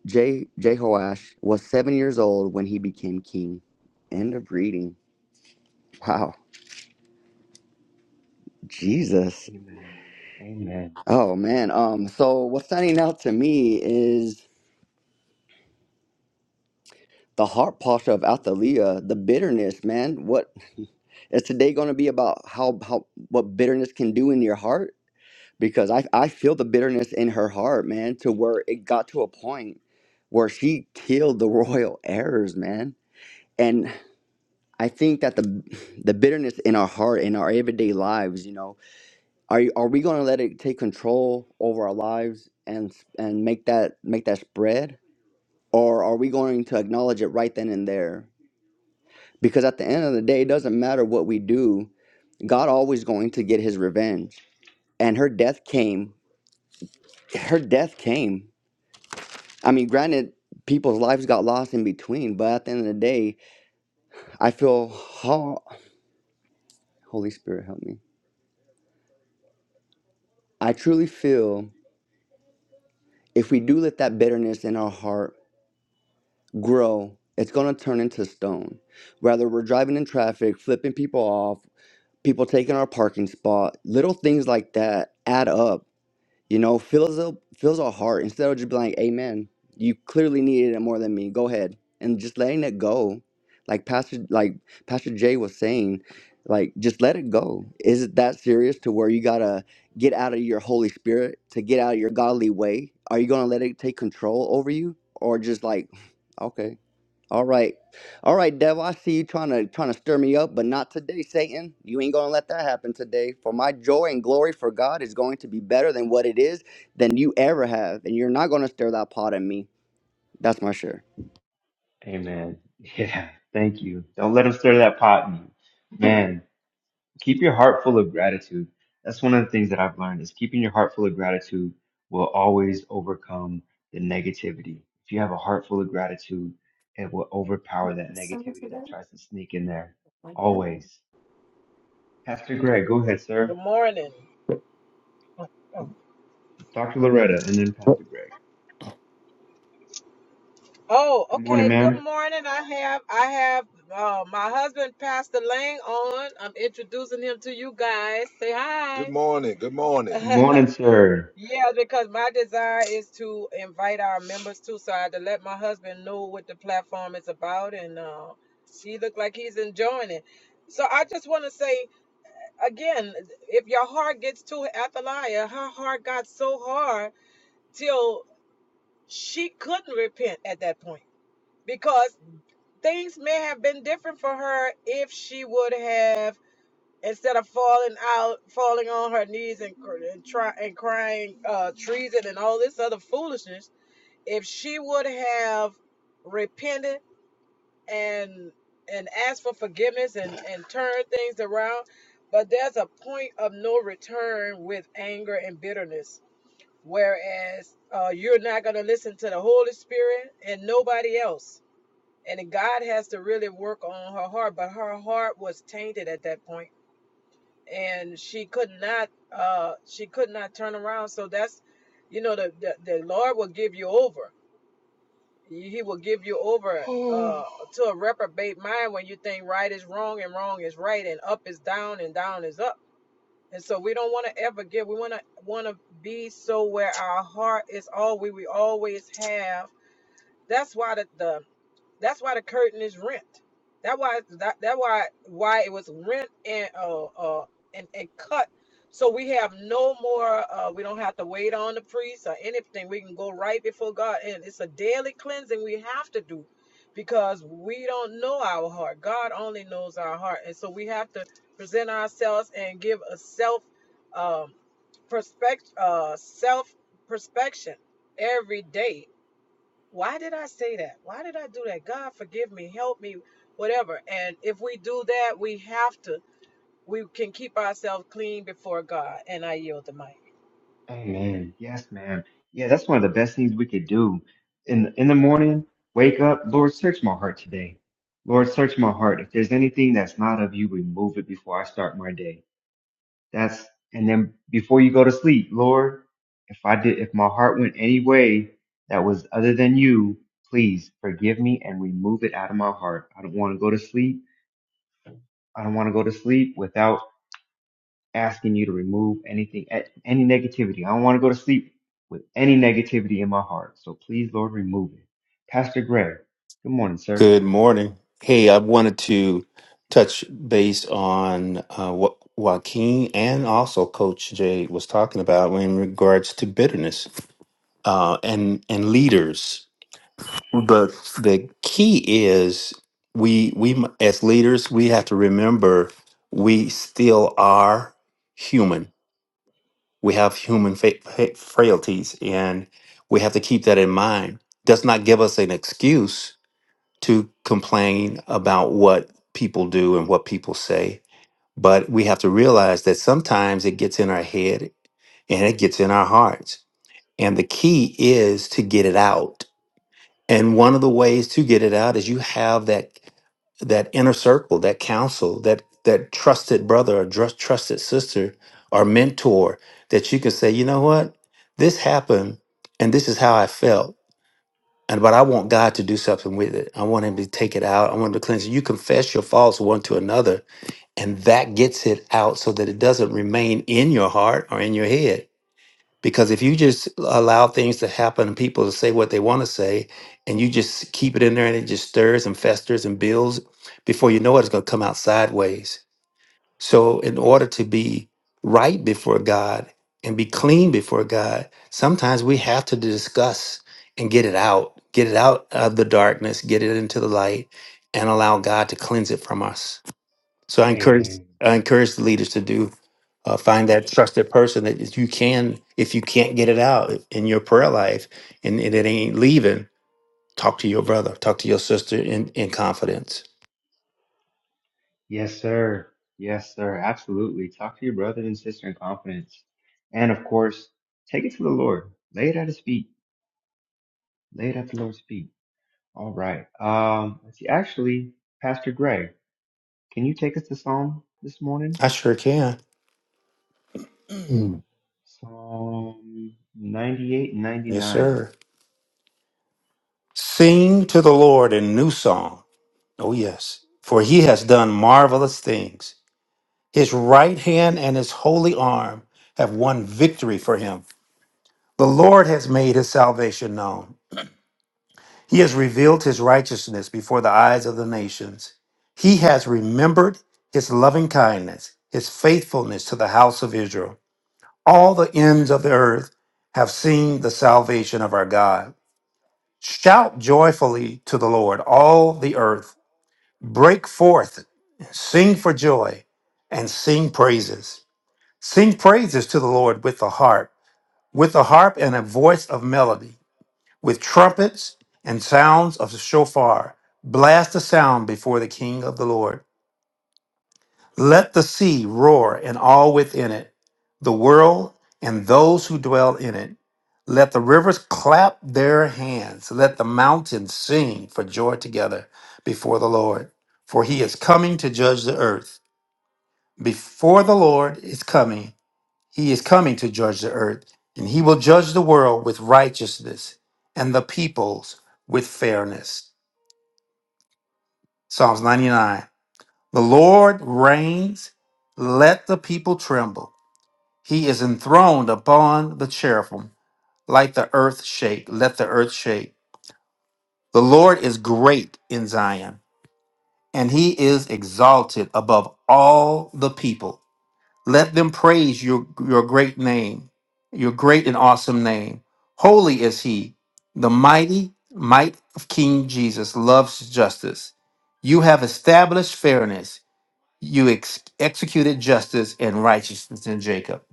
Je- Jehoash was seven years old when he became king. End of reading. Wow, Jesus. Amen. Amen. Oh man, um, so what's standing out to me is the heart posture of Athalia, the bitterness, man. What is today going to be about? How how what bitterness can do in your heart? Because I I feel the bitterness in her heart, man, to where it got to a point where she killed the <laughs> royal errors, man. And I think that the the bitterness in our heart in our everyday lives, you know, are you- are we going to let it take control over our lives and and make that make that spread? or are we going to acknowledge it right then and there? Because at the end of the day, it doesn't matter what we do, God always going to get his revenge. And her death came. Her death came. I mean, granted, people's lives got lost in between, but at the end of the day, I feel, ho- Holy Spirit, help me. I truly feel if we do let that bitterness in our heart grow, it's going to turn into stone. Whether we're driving in traffic, flipping people off, people taking our parking spot, little things like that add up. You know, fills up fills our heart instead of just being like, "Amen." You clearly needed it more than me. Go ahead and just letting it go, like Pastor like Pastor Jay was saying, like just let it go. Is it that serious to where you gotta get out of your Holy Spirit to get out of your godly way? Are you gonna let it take control over you, or just like, <sighs> <laughs> okay? All right. All right, devil. I see you trying to trying to stir me up, but not today, Satan. You ain't gonna let that happen today. For my joy and glory for God is going to be better than what it is than you ever have. And you're not gonna stir that pot at me. That's my sure. Amen. <laughs> Yeah, thank you. Don't let them stir that pot in you. Man, keep your heart full of gratitude. That's one of the things that I've learned is keeping your heart full of gratitude will always overcome the negativity. If you have a heart full of gratitude, it will overpower that negativity that tries to sneak in there. Always. Pastor Greg, go ahead, Good sir. morning. Dr. Loretta, and then Pastor Greg. Oh, Good morning, okay. Good ma'am. morning. I have I have uh, my husband Pastor Lang on. I'm introducing him to you guys. Say Good hi. <laughs> morning. Good morning. Good morning, <laughs> sir. yeah, because my desire is to invite our members too, so I had to let my husband know what the platform is about, and uh, he looked like he's enjoying it. So I just want to say again, if your heart gets to Athaliah, her heart got so hard she couldn't repent at that point because things may have been different for her if she would have instead of falling out falling on her knees and, cr- and try and crying uh treason and all this other foolishness if she would have repented and and asked for forgiveness and and turned things around but there's a point of no return with anger and bitterness whereas uh, you're not going to listen to the Holy Spirit and nobody else. And God has to really work on her heart, but her heart was tainted at that point, and she could not uh, she could not turn around. So that's you know the the, the Lord will give you over. He he will give you over uh, <sighs> to a reprobate mind when you think right is wrong and wrong is right and up is down and down is up and so we don't want to ever give. we want to want to be so where our heart is all we, we always have. That's why the, the that's why the curtain is rent. That why that that why why it was rent and uh uh and, and cut. So we have no more. Uh, we don't have to wait on the priest or anything. We can go right before God, and it's a daily cleansing we have to do because we don't know our heart. God only knows our heart, and so we have to present ourselves and give a self um, perspective, uh, self perspection every day why did I say that? Why did I do that? God, forgive me, help me, whatever. And if we do that, we have to, we can keep ourselves clean before God. And I yield the mic. Amen. Yes, ma'am. Yeah, that's one of the best things we could do. In the, in the morning, wake up, Lord, search my heart today. Lord, search my heart. If there's anything that's not of you, remove it before I start my day. That's and then before you go to sleep, Lord, if I did if my heart went any way that was other than you, please forgive me and remove it out of my heart. I don't want to go to sleep. I don't want to go to sleep without asking you to remove anything, any negativity. I don't want to go to sleep with any negativity in my heart. So please, Lord, remove it. Pastor Greg, good morning, sir. Good morning. Hey, I wanted to touch base on uh, what Joaquin and also Coach Jay was talking about in regards to bitterness uh, and and leaders. But the key is we we m- as leaders we have to remember we still are human. We have human fa- fa- frailties, and we have to keep that in mind. Does not give us an excuse to complain about what people do and what people say. But we have to realize that sometimes it gets in our head and it gets in our hearts. And the key is to get it out. And one of the ways to get it out is you have that that inner circle, that counsel, that that trusted brother or trust, trusted sister or mentor that you can say, you know what, this happened, and this is how I felt and but I want God to do something with it. I want Him to take it out. I want Him to cleanse it. You confess your faults one to another, and that gets it out so that it doesn't remain in your heart or in your head. Because if you just allow things to happen and people to say what they want to say, and you just keep it in there and it just stirs and festers and builds, before you know it, it's going to come out sideways. So, in order to be right before God and be clean before God, sometimes we have to discuss and get it out, get it out of the darkness, get it into the light, and allow God to cleanse it from us. So, I encourage Amen. I encourage the leaders to do uh, find that trusted person that if you can, if you can't get it out in your prayer life and, and it ain't leaving, talk to your brother, talk to your sister in, in confidence. Yes, sir. Yes, sir. Absolutely. Talk to your brother and sister in confidence. And of course, take it to the Lord. Lay it at his feet. Lay it at the Lord's feet. All right. Um, let's see. Actually, Pastor Greg, can you take us to Psalm this morning? I sure can. Mm. Psalm 98 and Yes, 99. sir. Sing to the Lord a new song. Oh, yes. For he has done marvelous things. His right hand and his holy arm have won victory for him. The Lord has made his salvation known. He has revealed his righteousness before the eyes of the nations. He has remembered his loving kindness, his faithfulness to the house of Israel. All the ends of the earth have seen the salvation of our God. Shout joyfully to the Lord, all the earth. Break forth, sing for joy, and sing praises. Sing praises to the Lord with the harp, with the harp and a voice of melody, with trumpets and sounds of the shofar. Blast the sound before the King of the Lord. Let the sea roar and all within it, the world and those who dwell in it. Let the rivers clap their hands. Let the mountains sing for joy together before the Lord, for he is coming to judge the earth. Before the Lord is coming, he is coming to judge the earth, and he will judge the world with righteousness and the peoples with fairness. Psalms 99. The Lord reigns, let the people tremble. He is enthroned upon the cherubim, like the earth shake, let the earth shake. The Lord is great in Zion, and he is exalted above all the people. Let them praise your, your great name, your great and awesome name. Holy is he. The mighty might of King Jesus loves justice. You have established fairness. You ex- executed justice and righteousness in Jacob.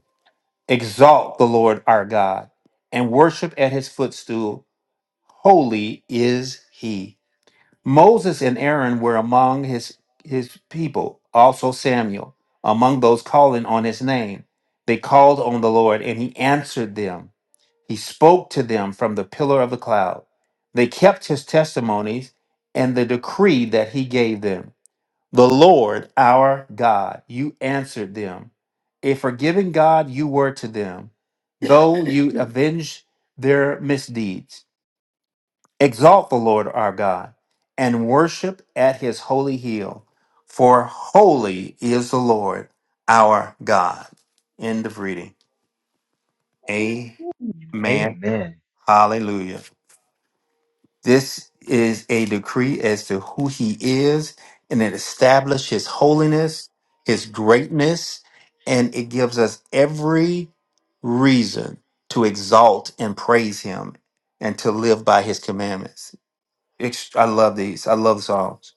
Exalt the Lord our God and worship at his footstool. Holy is he. Moses and Aaron were among his his people, also Samuel, among those calling on his name. They called on the Lord and he answered them. He spoke to them from the pillar of the cloud. They kept his testimonies and the decree that he gave them. The Lord, our God, you answered them. A forgiving God you were to them, though you <laughs> avenged their misdeeds. Exalt the Lord our God and worship at his holy hill, for holy is the Lord our God. End of reading. Amen. Amen. Hallelujah. This is a decree as to who he is, and it establishes his holiness, his greatness, and it gives us every reason to exalt and praise him and to live by his commandments. Ex- I love these. I love the Psalms.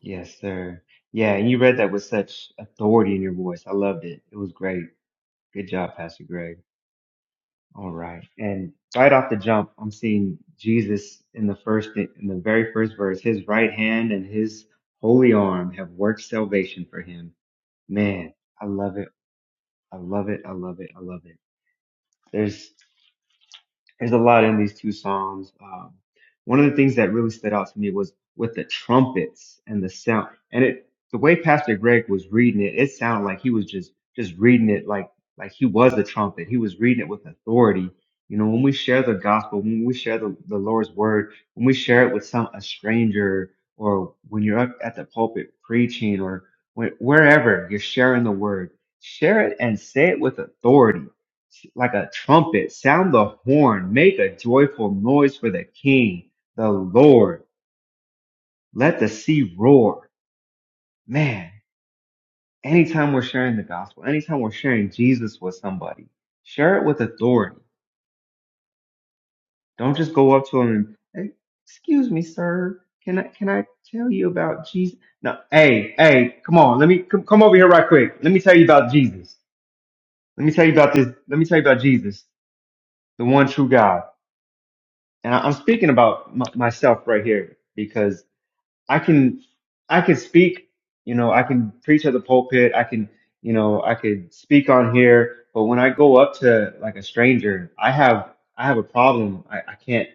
Yes, sir. Yeah, and you read that with such authority in your voice. I loved it. It was great. Good job, Pastor Greg. All right. And right off the jump, I'm seeing Jesus in the first in the very first verse, his right hand and his holy arm have worked salvation for him. Man, I love it. I love it. I love it. I love it. there's a lot in these two psalms. Um, one of the things that really stood out to me was with the trumpets and the sound, and it the way Pastor Greg was reading it, it sounded like he was just just reading it like like he was the trumpet. He was reading it with authority. You know, when we share the gospel, when we share the, the Lord's word, when we share it with some a stranger, or when you're up at the pulpit preaching, or when, wherever you're sharing the word, share it and say it with authority like a trumpet, sound the horn, make a joyful noise for the King, the Lord. Let the sea roar. Man, anytime we're sharing the gospel, anytime we're sharing Jesus with somebody, share it with authority. Don't just go up to them and, hey, excuse me, sir, can I can I tell you about Jesus? No, hey, hey, come on, let me come, come over here right quick. Let me tell you about Jesus. Let me tell you about this. Let me tell you about Jesus, the one true God. and I- I'm speaking about m- myself right here because I can, I can speak, you know, I can preach at the pulpit. I can, you know, I could speak on here, but when I go up to like a stranger, I have, I have a problem. I, I can't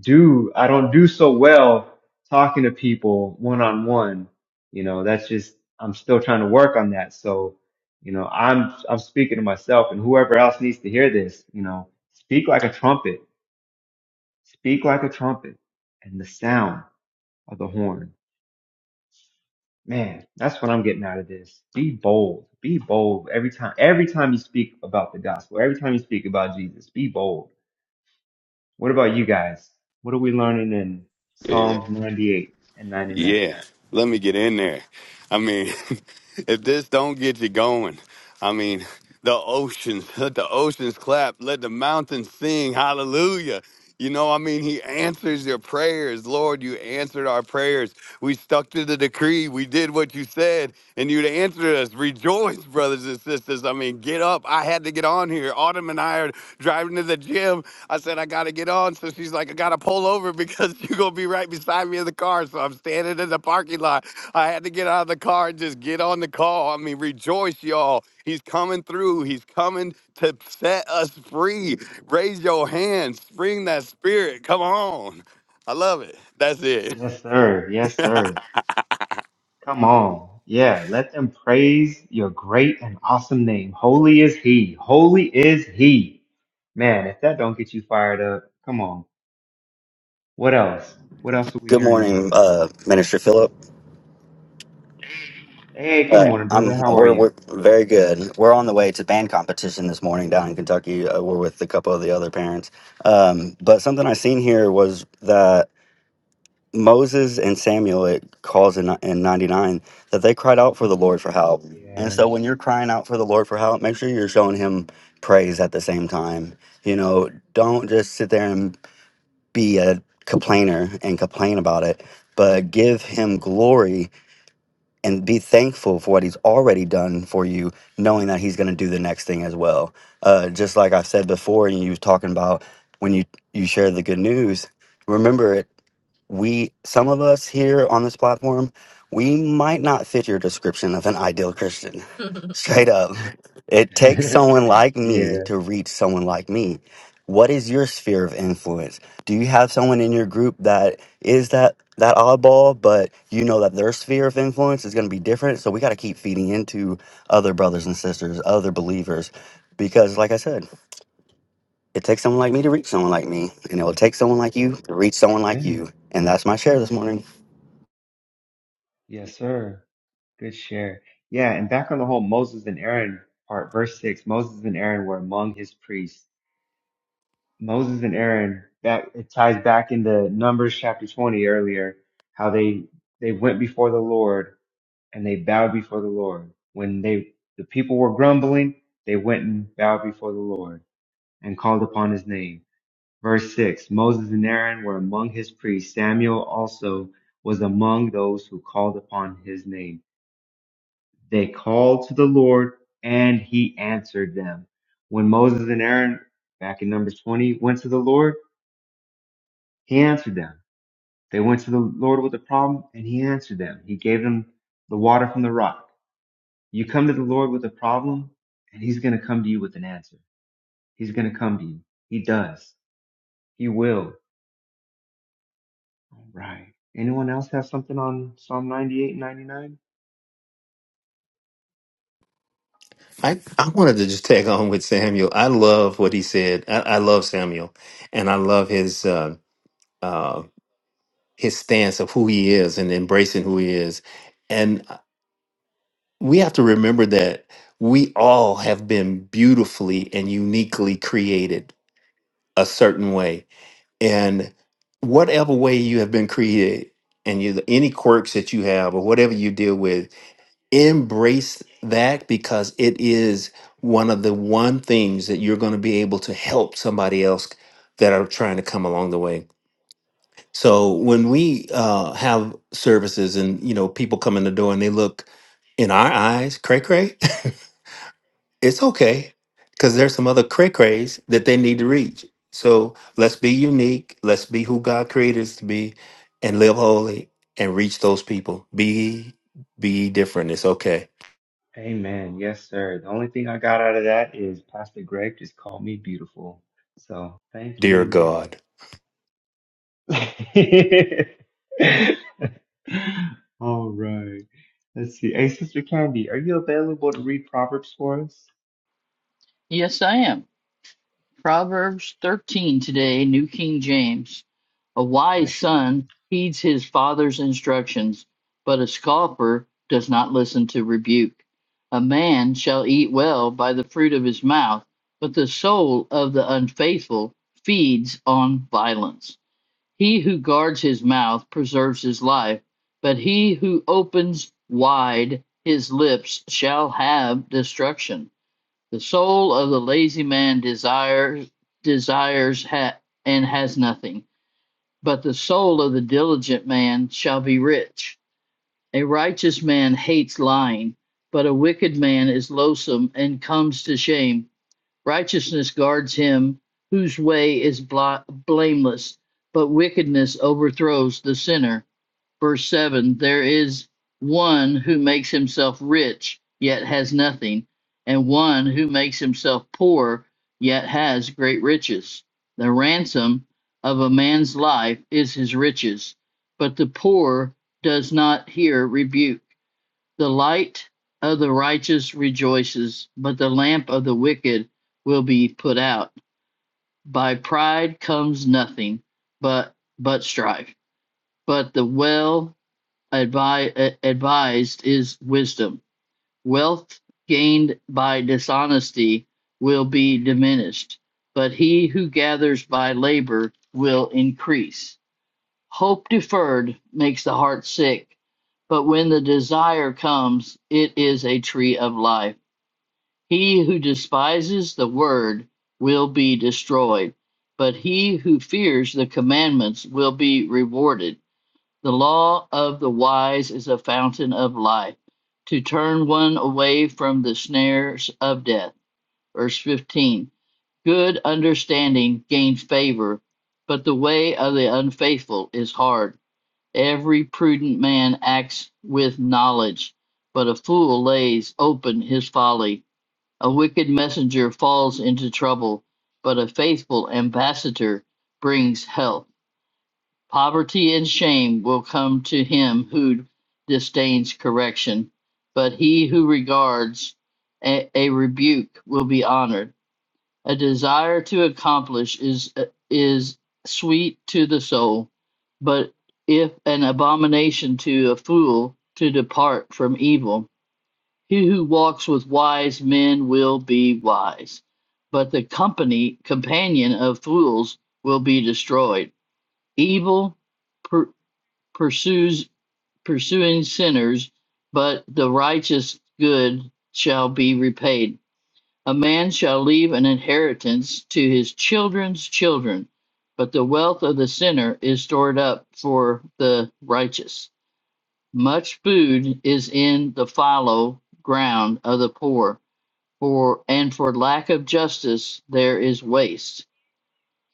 do, I don't do so well talking to people one on one. You know, that's just, I'm still trying to work on that. So, you know, I'm, I'm speaking to myself and whoever else needs to hear this, you know, speak like a trumpet Speak like a trumpet and the sound of the horn. Man, that's what I'm getting out of this. Be bold. Be bold every time. Every time you speak about the gospel, every time you speak about Jesus, be bold. What about you guys? What are we learning in Yeah, Psalms 98 and 99? yeah. Let me get in there. I mean, <laughs> if this don't get you going, I mean, the oceans, <laughs> let the oceans clap, let the mountains sing, hallelujah. You know, I mean, he answers your prayers. Lord, you answered our prayers. We stuck to the decree. We did what you said, and you answered us. Rejoice voice, brothers and sisters. I mean, get up. I had to get on here. Autumn and I are driving to the gym. I said, I got to get on. So she's like, I got to pull over because <laughs> you're going to be right beside me in the car. So I'm standing in the parking lot. I had to get out of the car and just get on the call. I mean, rejoice, y'all. He's coming through. He's coming to set us free. Raise your hands. Spring that spirit. Come on. I love it. That's it. Yes, sir. Yes, sir. Come on. Yeah, let them praise your great and awesome name. Holy is he. Holy is he. Man, if that don't get you fired up, come on. What else? What else are we Good hearing in this? morning, uh, Minister Phillip. Hey, good Uh, morning, I'm brother. How are we're, you? we're very good. We're on the way to band competition this morning down in Kentucky. Uh, we're with a couple of the other parents. Um, but something I seen here was that Moses and Samuel it calls in in '99 that they cried out for the Lord for help. And Yes. so when you're crying out for the Lord for help, make sure you're showing Him praise at the same time. You know, don't just sit there and be a complainer and complain about it, but give Him glory and be thankful for what he's already done for you, knowing that he's going to do the next thing as well. Uh, just like I've said before, and you was talking about when you you share the good news, remember it we some of us here on this platform we might not fit your description of an ideal christian <laughs> straight up it takes <laughs> someone like me yeah. to reach someone like me what is your sphere of influence do you have someone in your group that is that that oddball but you know that their sphere of influence is going to be different so we got to keep feeding into other brothers and sisters other believers because like i said it takes someone like me to reach someone like me, and it will take someone like you to reach someone like Amen. you. And that's my share this morning. Yes, sir. Good share. Yeah, and back on the whole Moses and Aaron part, verse six. Moses and Aaron were among his priests. Moses and Aaron. That it ties back into Numbers chapter twenty earlier. How they they went before the Lord and they bowed before the Lord when they the people were grumbling. They went and bowed before the Lord and called upon his name Verse 6 Moses and Aaron were among his priests. Samuel also was among those who called upon his name. They called to the Lord and he answered them. When Moses and Aaron, back in Numbers 20, went to the Lord, he answered them. They went to the Lord with a problem and he answered them. He gave them the water from the rock. You come to the Lord with a problem and he's going to come to you with an answer. He's going to come to you. He does. He will. Right. Anyone else have something on Psalm 98 and 99? I, I wanted to just tag on with Samuel. I love what he said. I, I love Samuel, and I love his uh, uh, his stance of who he is and embracing who he is. And uh, we have to remember that we all have been beautifully and uniquely created a certain way, and whatever way you have been created, and you, any quirks that you have or whatever you deal with embrace that because it is one of the one things that you're going to be able to help somebody else that are trying to come along the way so when we uh, have services and you know people come in the door and they look in our eyes cray cray <laughs> it's okay because there's some other cray crays that they need to reach so let's be unique let's be who god created us to be and live holy and reach those people be be different it's okay Amen. Yes, sir. The only thing I got out of that is Pastor Greg just called me beautiful. So thank dear you. god <laughs> All right. Let's see. Hey, Sister Candy, are you available to read Proverbs for us? Yes, I am. Proverbs 13 today, New King James. A Yes, wise ma'am. son heeds his father's instructions, but a scoffer does not listen to rebuke. A man shall eat well by the fruit of his mouth, but the soul of the unfaithful feeds on violence. He who guards his mouth preserves his life, but he who opens wide his lips shall have destruction. The soul of the lazy man desires desires ha- and has nothing, but the soul of the diligent man shall be rich. A righteous man hates lying, but a wicked man is loathsome and comes to shame. Righteousness guards him whose way is bla- blameless, but wickedness overthrows the sinner verse 7 there is one who makes himself rich yet has nothing and one who makes himself poor yet has great riches the ransom of a man's life is his riches but the poor does not hear rebuke the light of the righteous rejoices but the lamp of the wicked will be put out by pride comes nothing but but strife but the well advi- advised is wisdom. Wealth gained by dishonesty will be diminished, but he who gathers by labor will increase. Hope deferred makes the heart sick, but when the desire comes, it is a tree of life. He who despises the word will be destroyed, but he who fears the commandments will be rewarded. The law of the wise is a fountain of life, to turn one away from the snares of death. Verse 15 Good understanding gains favor, but the way of the unfaithful is hard. Every prudent man acts with knowledge, but a fool lays open his folly. A wicked messenger falls into trouble, but a faithful ambassador brings health. Poverty and shame will come to him who disdains correction, but he who regards a, a rebuke will be honored. A desire to accomplish is is sweet to the soul, but if an abomination to a fool to depart from evil, he who walks with wise men will be wise, but the company companion of fools will be destroyed. Evil pursues pursuing sinners, but the righteous good shall be repaid. A man shall leave an inheritance to his children's children, but the wealth of the sinner is stored up for the righteous. Much food is in the fallow ground of the poor, for and for lack of justice there is waste.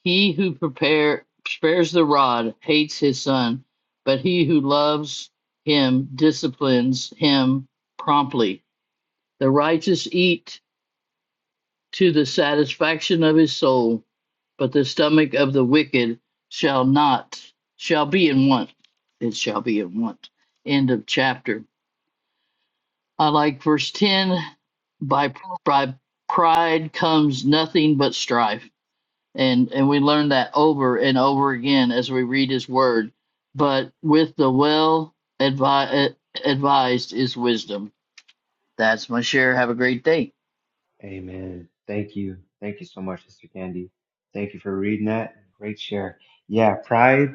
He who prepare, spares the rod hates his son, but he who loves him disciplines him promptly. The righteous eat to the satisfaction of his soul, but the stomach of the wicked shall not, shall be in want. It shall be in want. End of chapter. I like verse 10 by, by pride comes nothing but strife and and we learn that over and over again as we read his word but with the well advi- eh, advised is wisdom that's my share have a great day Amen. Thank you. Thank you so much, Sister Candy. Thank you for reading that. Great share. Yeah, pride.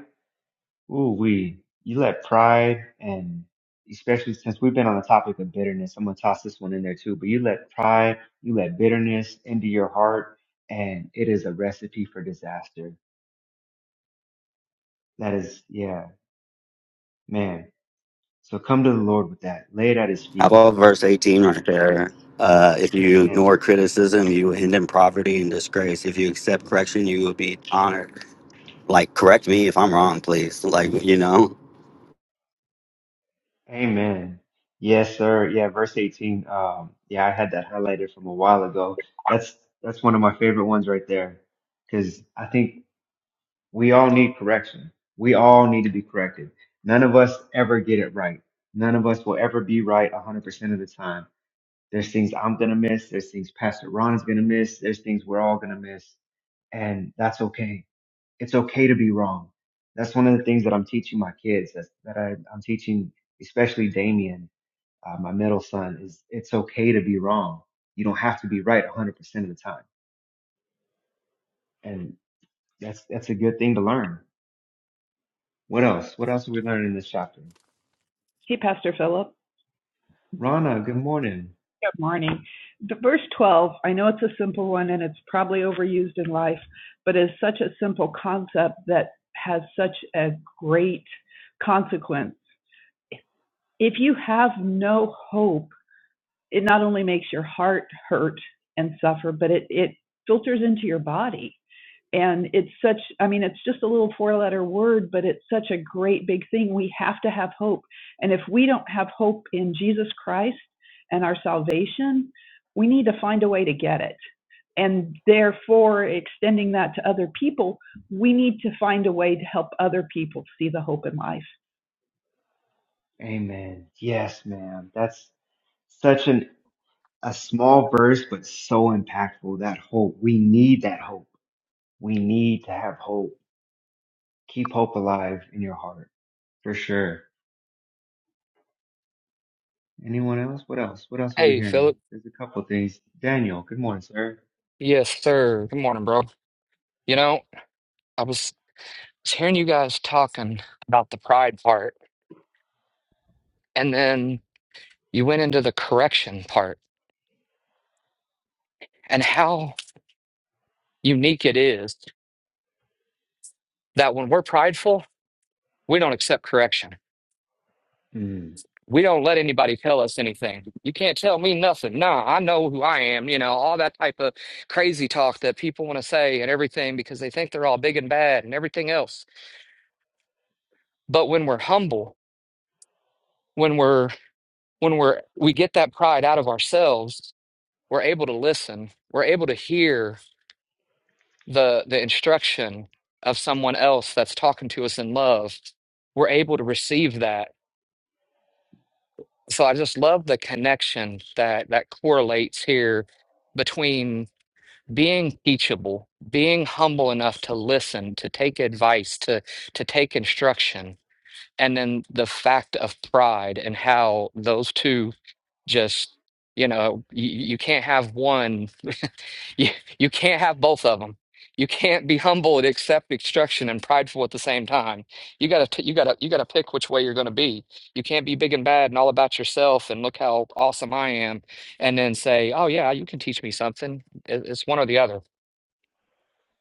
Ooh, we you let pride and especially since we've been on the topic of bitterness, I'm gonna toss this one in there too. But you let pride, you let bitterness into your heart, and it is a recipe for disaster. That is, yeah, man. So come to the Lord with that. Lay it at His How feet. about verse 18 right there? Uh, if Good you sense. ignore criticism, you will end in poverty and disgrace. If you accept correction, you will be honored. Like, correct me if I'm wrong, please. Like, you know, Amen. Yes, sir. Yeah, verse 18. Um, yeah, I had that highlighted from a while ago. That's that's one of my favorite ones right there, because I think We all need correction. We all need to be corrected. None of us ever get it right. None of us will ever be right 100% of the time. There's things I'm going to miss. There's things Pastor Ron is going to miss. There's things we're all going to miss. And that's okay. It's okay to be wrong. That's one of the things that I'm teaching my kids that's, that I, I'm teaching, especially Damien, uh, my middle son is it's okay to be wrong. You don't have to be right 100% of the time. And that's, that's a good thing to learn. What else? What else are we learning in this chapter? Hey, Pastor Philip. Rana, good morning. Good morning. The verse 12, I know it's a simple one and it's probably overused in life, but it's such a simple concept that has such a great consequence. If you have no hope, it not only makes your heart hurt and suffer, but it, it filters into your body. and it's such i mean it's just a little four letter word but it's such a great big thing we have to have hope and if we don't have hope in jesus christ and our salvation we need to find a way to get it and therefore extending that to other people we need to find a way to help other people see the hope in life Amen. Yes, ma'am. That's such an a small verse, but so impactful. That hope. We need that hope. We need to have hope. Keep hope alive in your heart, for sure. Anyone else? What else? What else are we Hey, hearing? Philip. There's a couple of things. Daniel, good morning, sir. Yes, sir. Good morning, bro. You know, I was was hearing you guys talking about the pride part, and then you went into the correction part and how unique it is that when we're prideful, we don't accept correction. Mm, We don't let anybody tell us anything. You can't tell me nothing. Nah, I know who I am. You know, all that type of crazy talk that people want to say and everything because they think they're all big and bad and everything else. But when we're humble, when we're when we're we get that pride out of ourselves we're able to listen we're able to hear the the instruction of someone else that's talking to us in love we're able to receive that so i just love the connection that that correlates here between being teachable being humble enough to listen to take advice to to take instruction and then the fact of pride and how those two just you know you, you can't have one You, you can't have both of them. You can't be humble and accept instruction and prideful at the same time. You gotta, t- you gotta, you gotta pick which way you're gonna be. You can't be big and bad and all about yourself and look how awesome I am, and then say, "Oh yeah, you can teach me something." It- It's one or the other.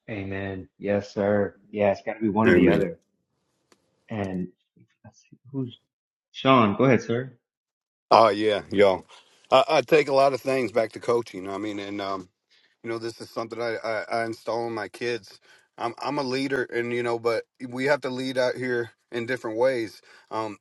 amen. Yes, sir. Yeah, it's got to be one or the Amen. other. And let's see, who's Sean? Go ahead, sir. Oh yeah, y'all. I, I take a lot of things back to coaching. I mean, and um, you know this is something I, I i install in my kids i'm i'm a leader and you know but we have to lead out here in different ways um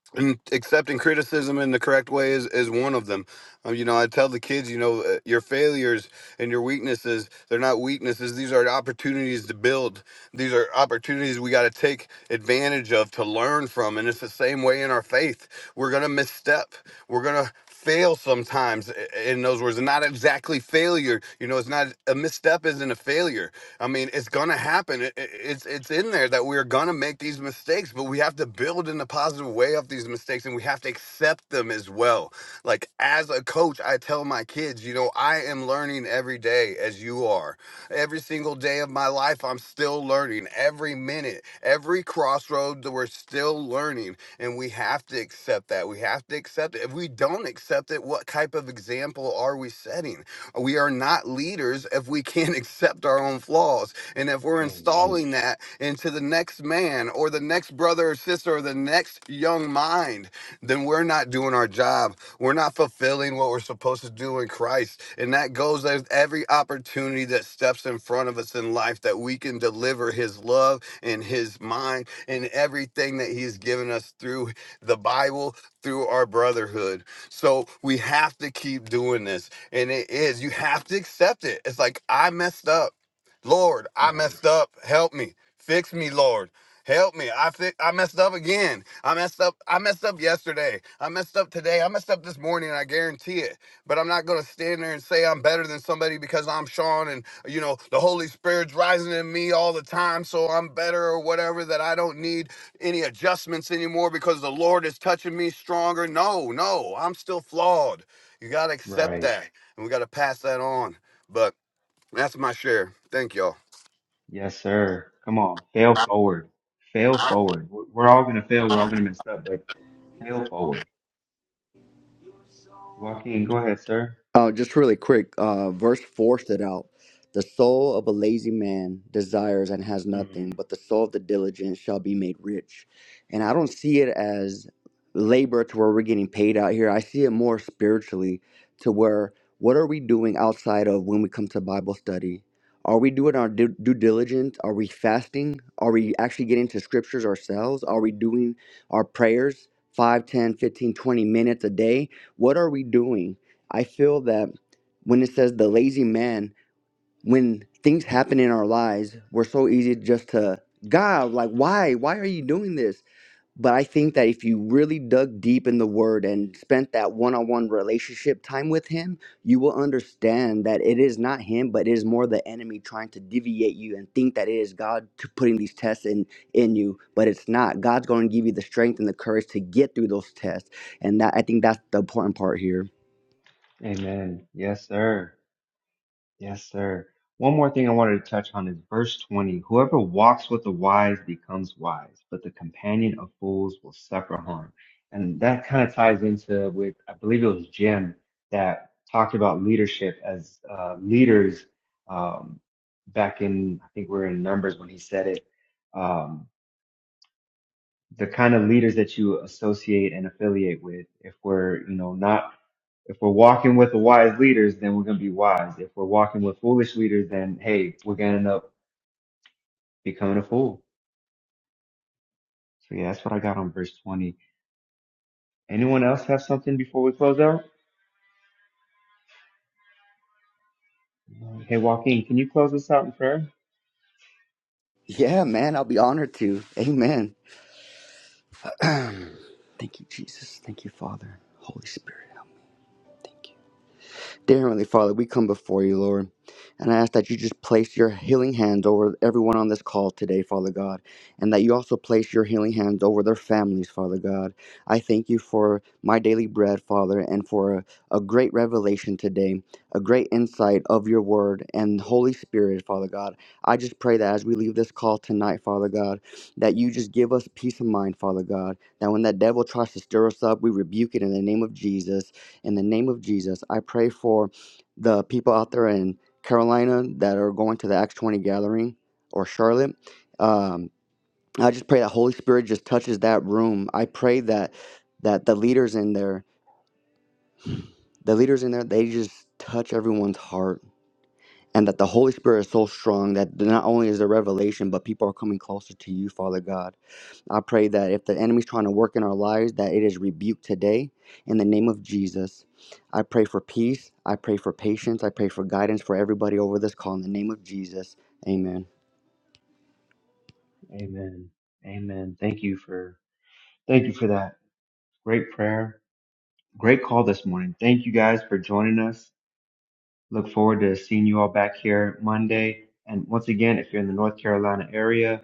<clears throat> and accepting criticism in the correct way is, is one of them um, you know i tell the kids you know uh, your failures and your weaknesses they're not weaknesses these are opportunities to build these are opportunities we got to take advantage of to learn from. And it's the same way in our faith. We're going to misstep. We're going to fail sometimes i- in those words. And not exactly failure. You know, it's not a misstep isn't a failure. I mean, it's going to happen. It, it- it's, it's in there that we're going to make these mistakes, but we have to build in a positive way of these mistakes and we have to accept them as well. Like as a coach, I tell my kids, you know, I am learning every day as you are. Every single day of my life, I'm still learning. Every minute, every crossroads, we're still learning. And we have to accept that. We have to accept it. If we don't accept it, what type of example are we setting? We are not leaders if we can't <laughs> accept our own flaws. And if we're Amen. installing that into the next man or the next brother or sister or the next young mind, then we're not doing our job. We're not fulfilling what we're supposed to do in Christ. And that goes as every opportunity that steps in front of us in life that we can deliver his love and his mind and everything that he's given us through the Bible, through our brotherhood. So we have to keep doing this. And it is, you have to accept it. It's like, I messed up. Lord, I Right. messed up. Help me. Fix me, Lord. Help me. I fi- I messed up again. I messed up. I messed up yesterday. I messed up today. I messed up this morning. I guarantee it. But I'm not gonna stand there and say I'm better than somebody because I'm Sean and you know the Holy Spirit's rising in me all the time, so I'm better or whatever. That I don't need any adjustments anymore because the Lord is touching me stronger. No, no, I'm still flawed. You gotta accept Right. that, and we gotta pass that on. But that's my share. Thank y'all. Yes, sir. Come on. Fail forward. Fail forward. We're we're all going to fail. We're all going to mess up, but fail forward. Joaquin, go ahead, sir. Uh, just really quick, uh, verse 4 stood out. The soul of a lazy man desires and has Mm. nothing, but the soul of the diligent shall be made rich. And I don't see it as labor to where we're getting paid out here. I see it more spiritually to where what are we doing outside of when we come to Bible study? Are we doing our due, due diligence? Are we fasting? Are we actually getting to scriptures ourselves? Are we doing our prayers 5, 10, 15, 20 minutes a day? What are we doing? I feel that when it says the lazy man, when things happen in our lives, we're so easy just to God, like why? Why are you doing this? But I think that if you really dug deep in the word and spent that one-on-one relationship time with him, you will understand that it is not him, but it is more the enemy trying to deviate you and think that it is God to putting these tests in in you, but it's not. God's going to give you the strength and the courage to get through those tests. And that I think that's the important part here. Amen. Yes, sir. Yes, sir. One more thing I wanted to touch on is verse 20. Whoever walks with the wise becomes wise, but the companion of fools will suffer harm. And that kind of ties into with, I believe it was Jim that talked about leadership as uh, leaders um, back in, I think we are in Numbers when he said it. Um, the kind of leaders that you associate and affiliate with, if we're, you know, not if we're walking with the wise leaders, then we're going to be wise. If we're walking with foolish leaders, then hey, we're going to end up becoming a fool. So yeah, that's what I got on verse 20. Anyone else have something before we close out? Hey, Joaquin, can you close us out in prayer? Yeah, man, I'll be honored to. Amen. Thank you, Jesus. Thank you, Father. Holy Spirit. Dear Heavenly Father, we come before you, Lord, and I ask that you just place your healing hands over everyone on this call today, Father God, and that you also place your healing hands over their families, Father God. I thank you for my daily bread, Father, and for a, a great revelation today, a great insight of your word and Holy Spirit, Father God. I just pray that as we leave this call tonight, Father God, that you just give us peace of mind, Father God, that when that devil tries to stir us up, we rebuke it in the name of Jesus in the name of Jesus, I pray for the people out there in Carolina that are going to the Acts 20 gathering or Charlotte. Um, I just pray that Holy Spirit just touches that room. I pray that that the leaders in there, the leaders in there, they just touch everyone's heart. And that the Holy Spirit is so strong that not only is there revelation, but people are coming closer to you, Father God. I pray that if the enemy's trying to work in our lives, that it is rebuked today in the name of Jesus. I pray for peace. I pray for patience. I pray for guidance for everybody over this call in the name of Jesus. Amen. Amen. Amen. Thank you for, thank you for that. Great prayer. Great call this morning. Thank you guys for joining us. Look forward to seeing you all back here Monday. And once again, if you're in the North Carolina area,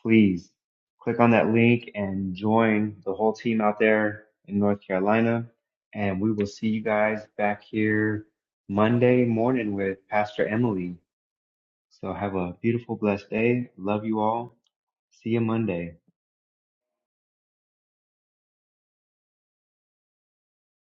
please click on that link and join the whole team out there in North Carolina. And we will see you guys back here Monday morning with Pastor Emily. So have a beautiful, blessed day. Love you all. See you Monday.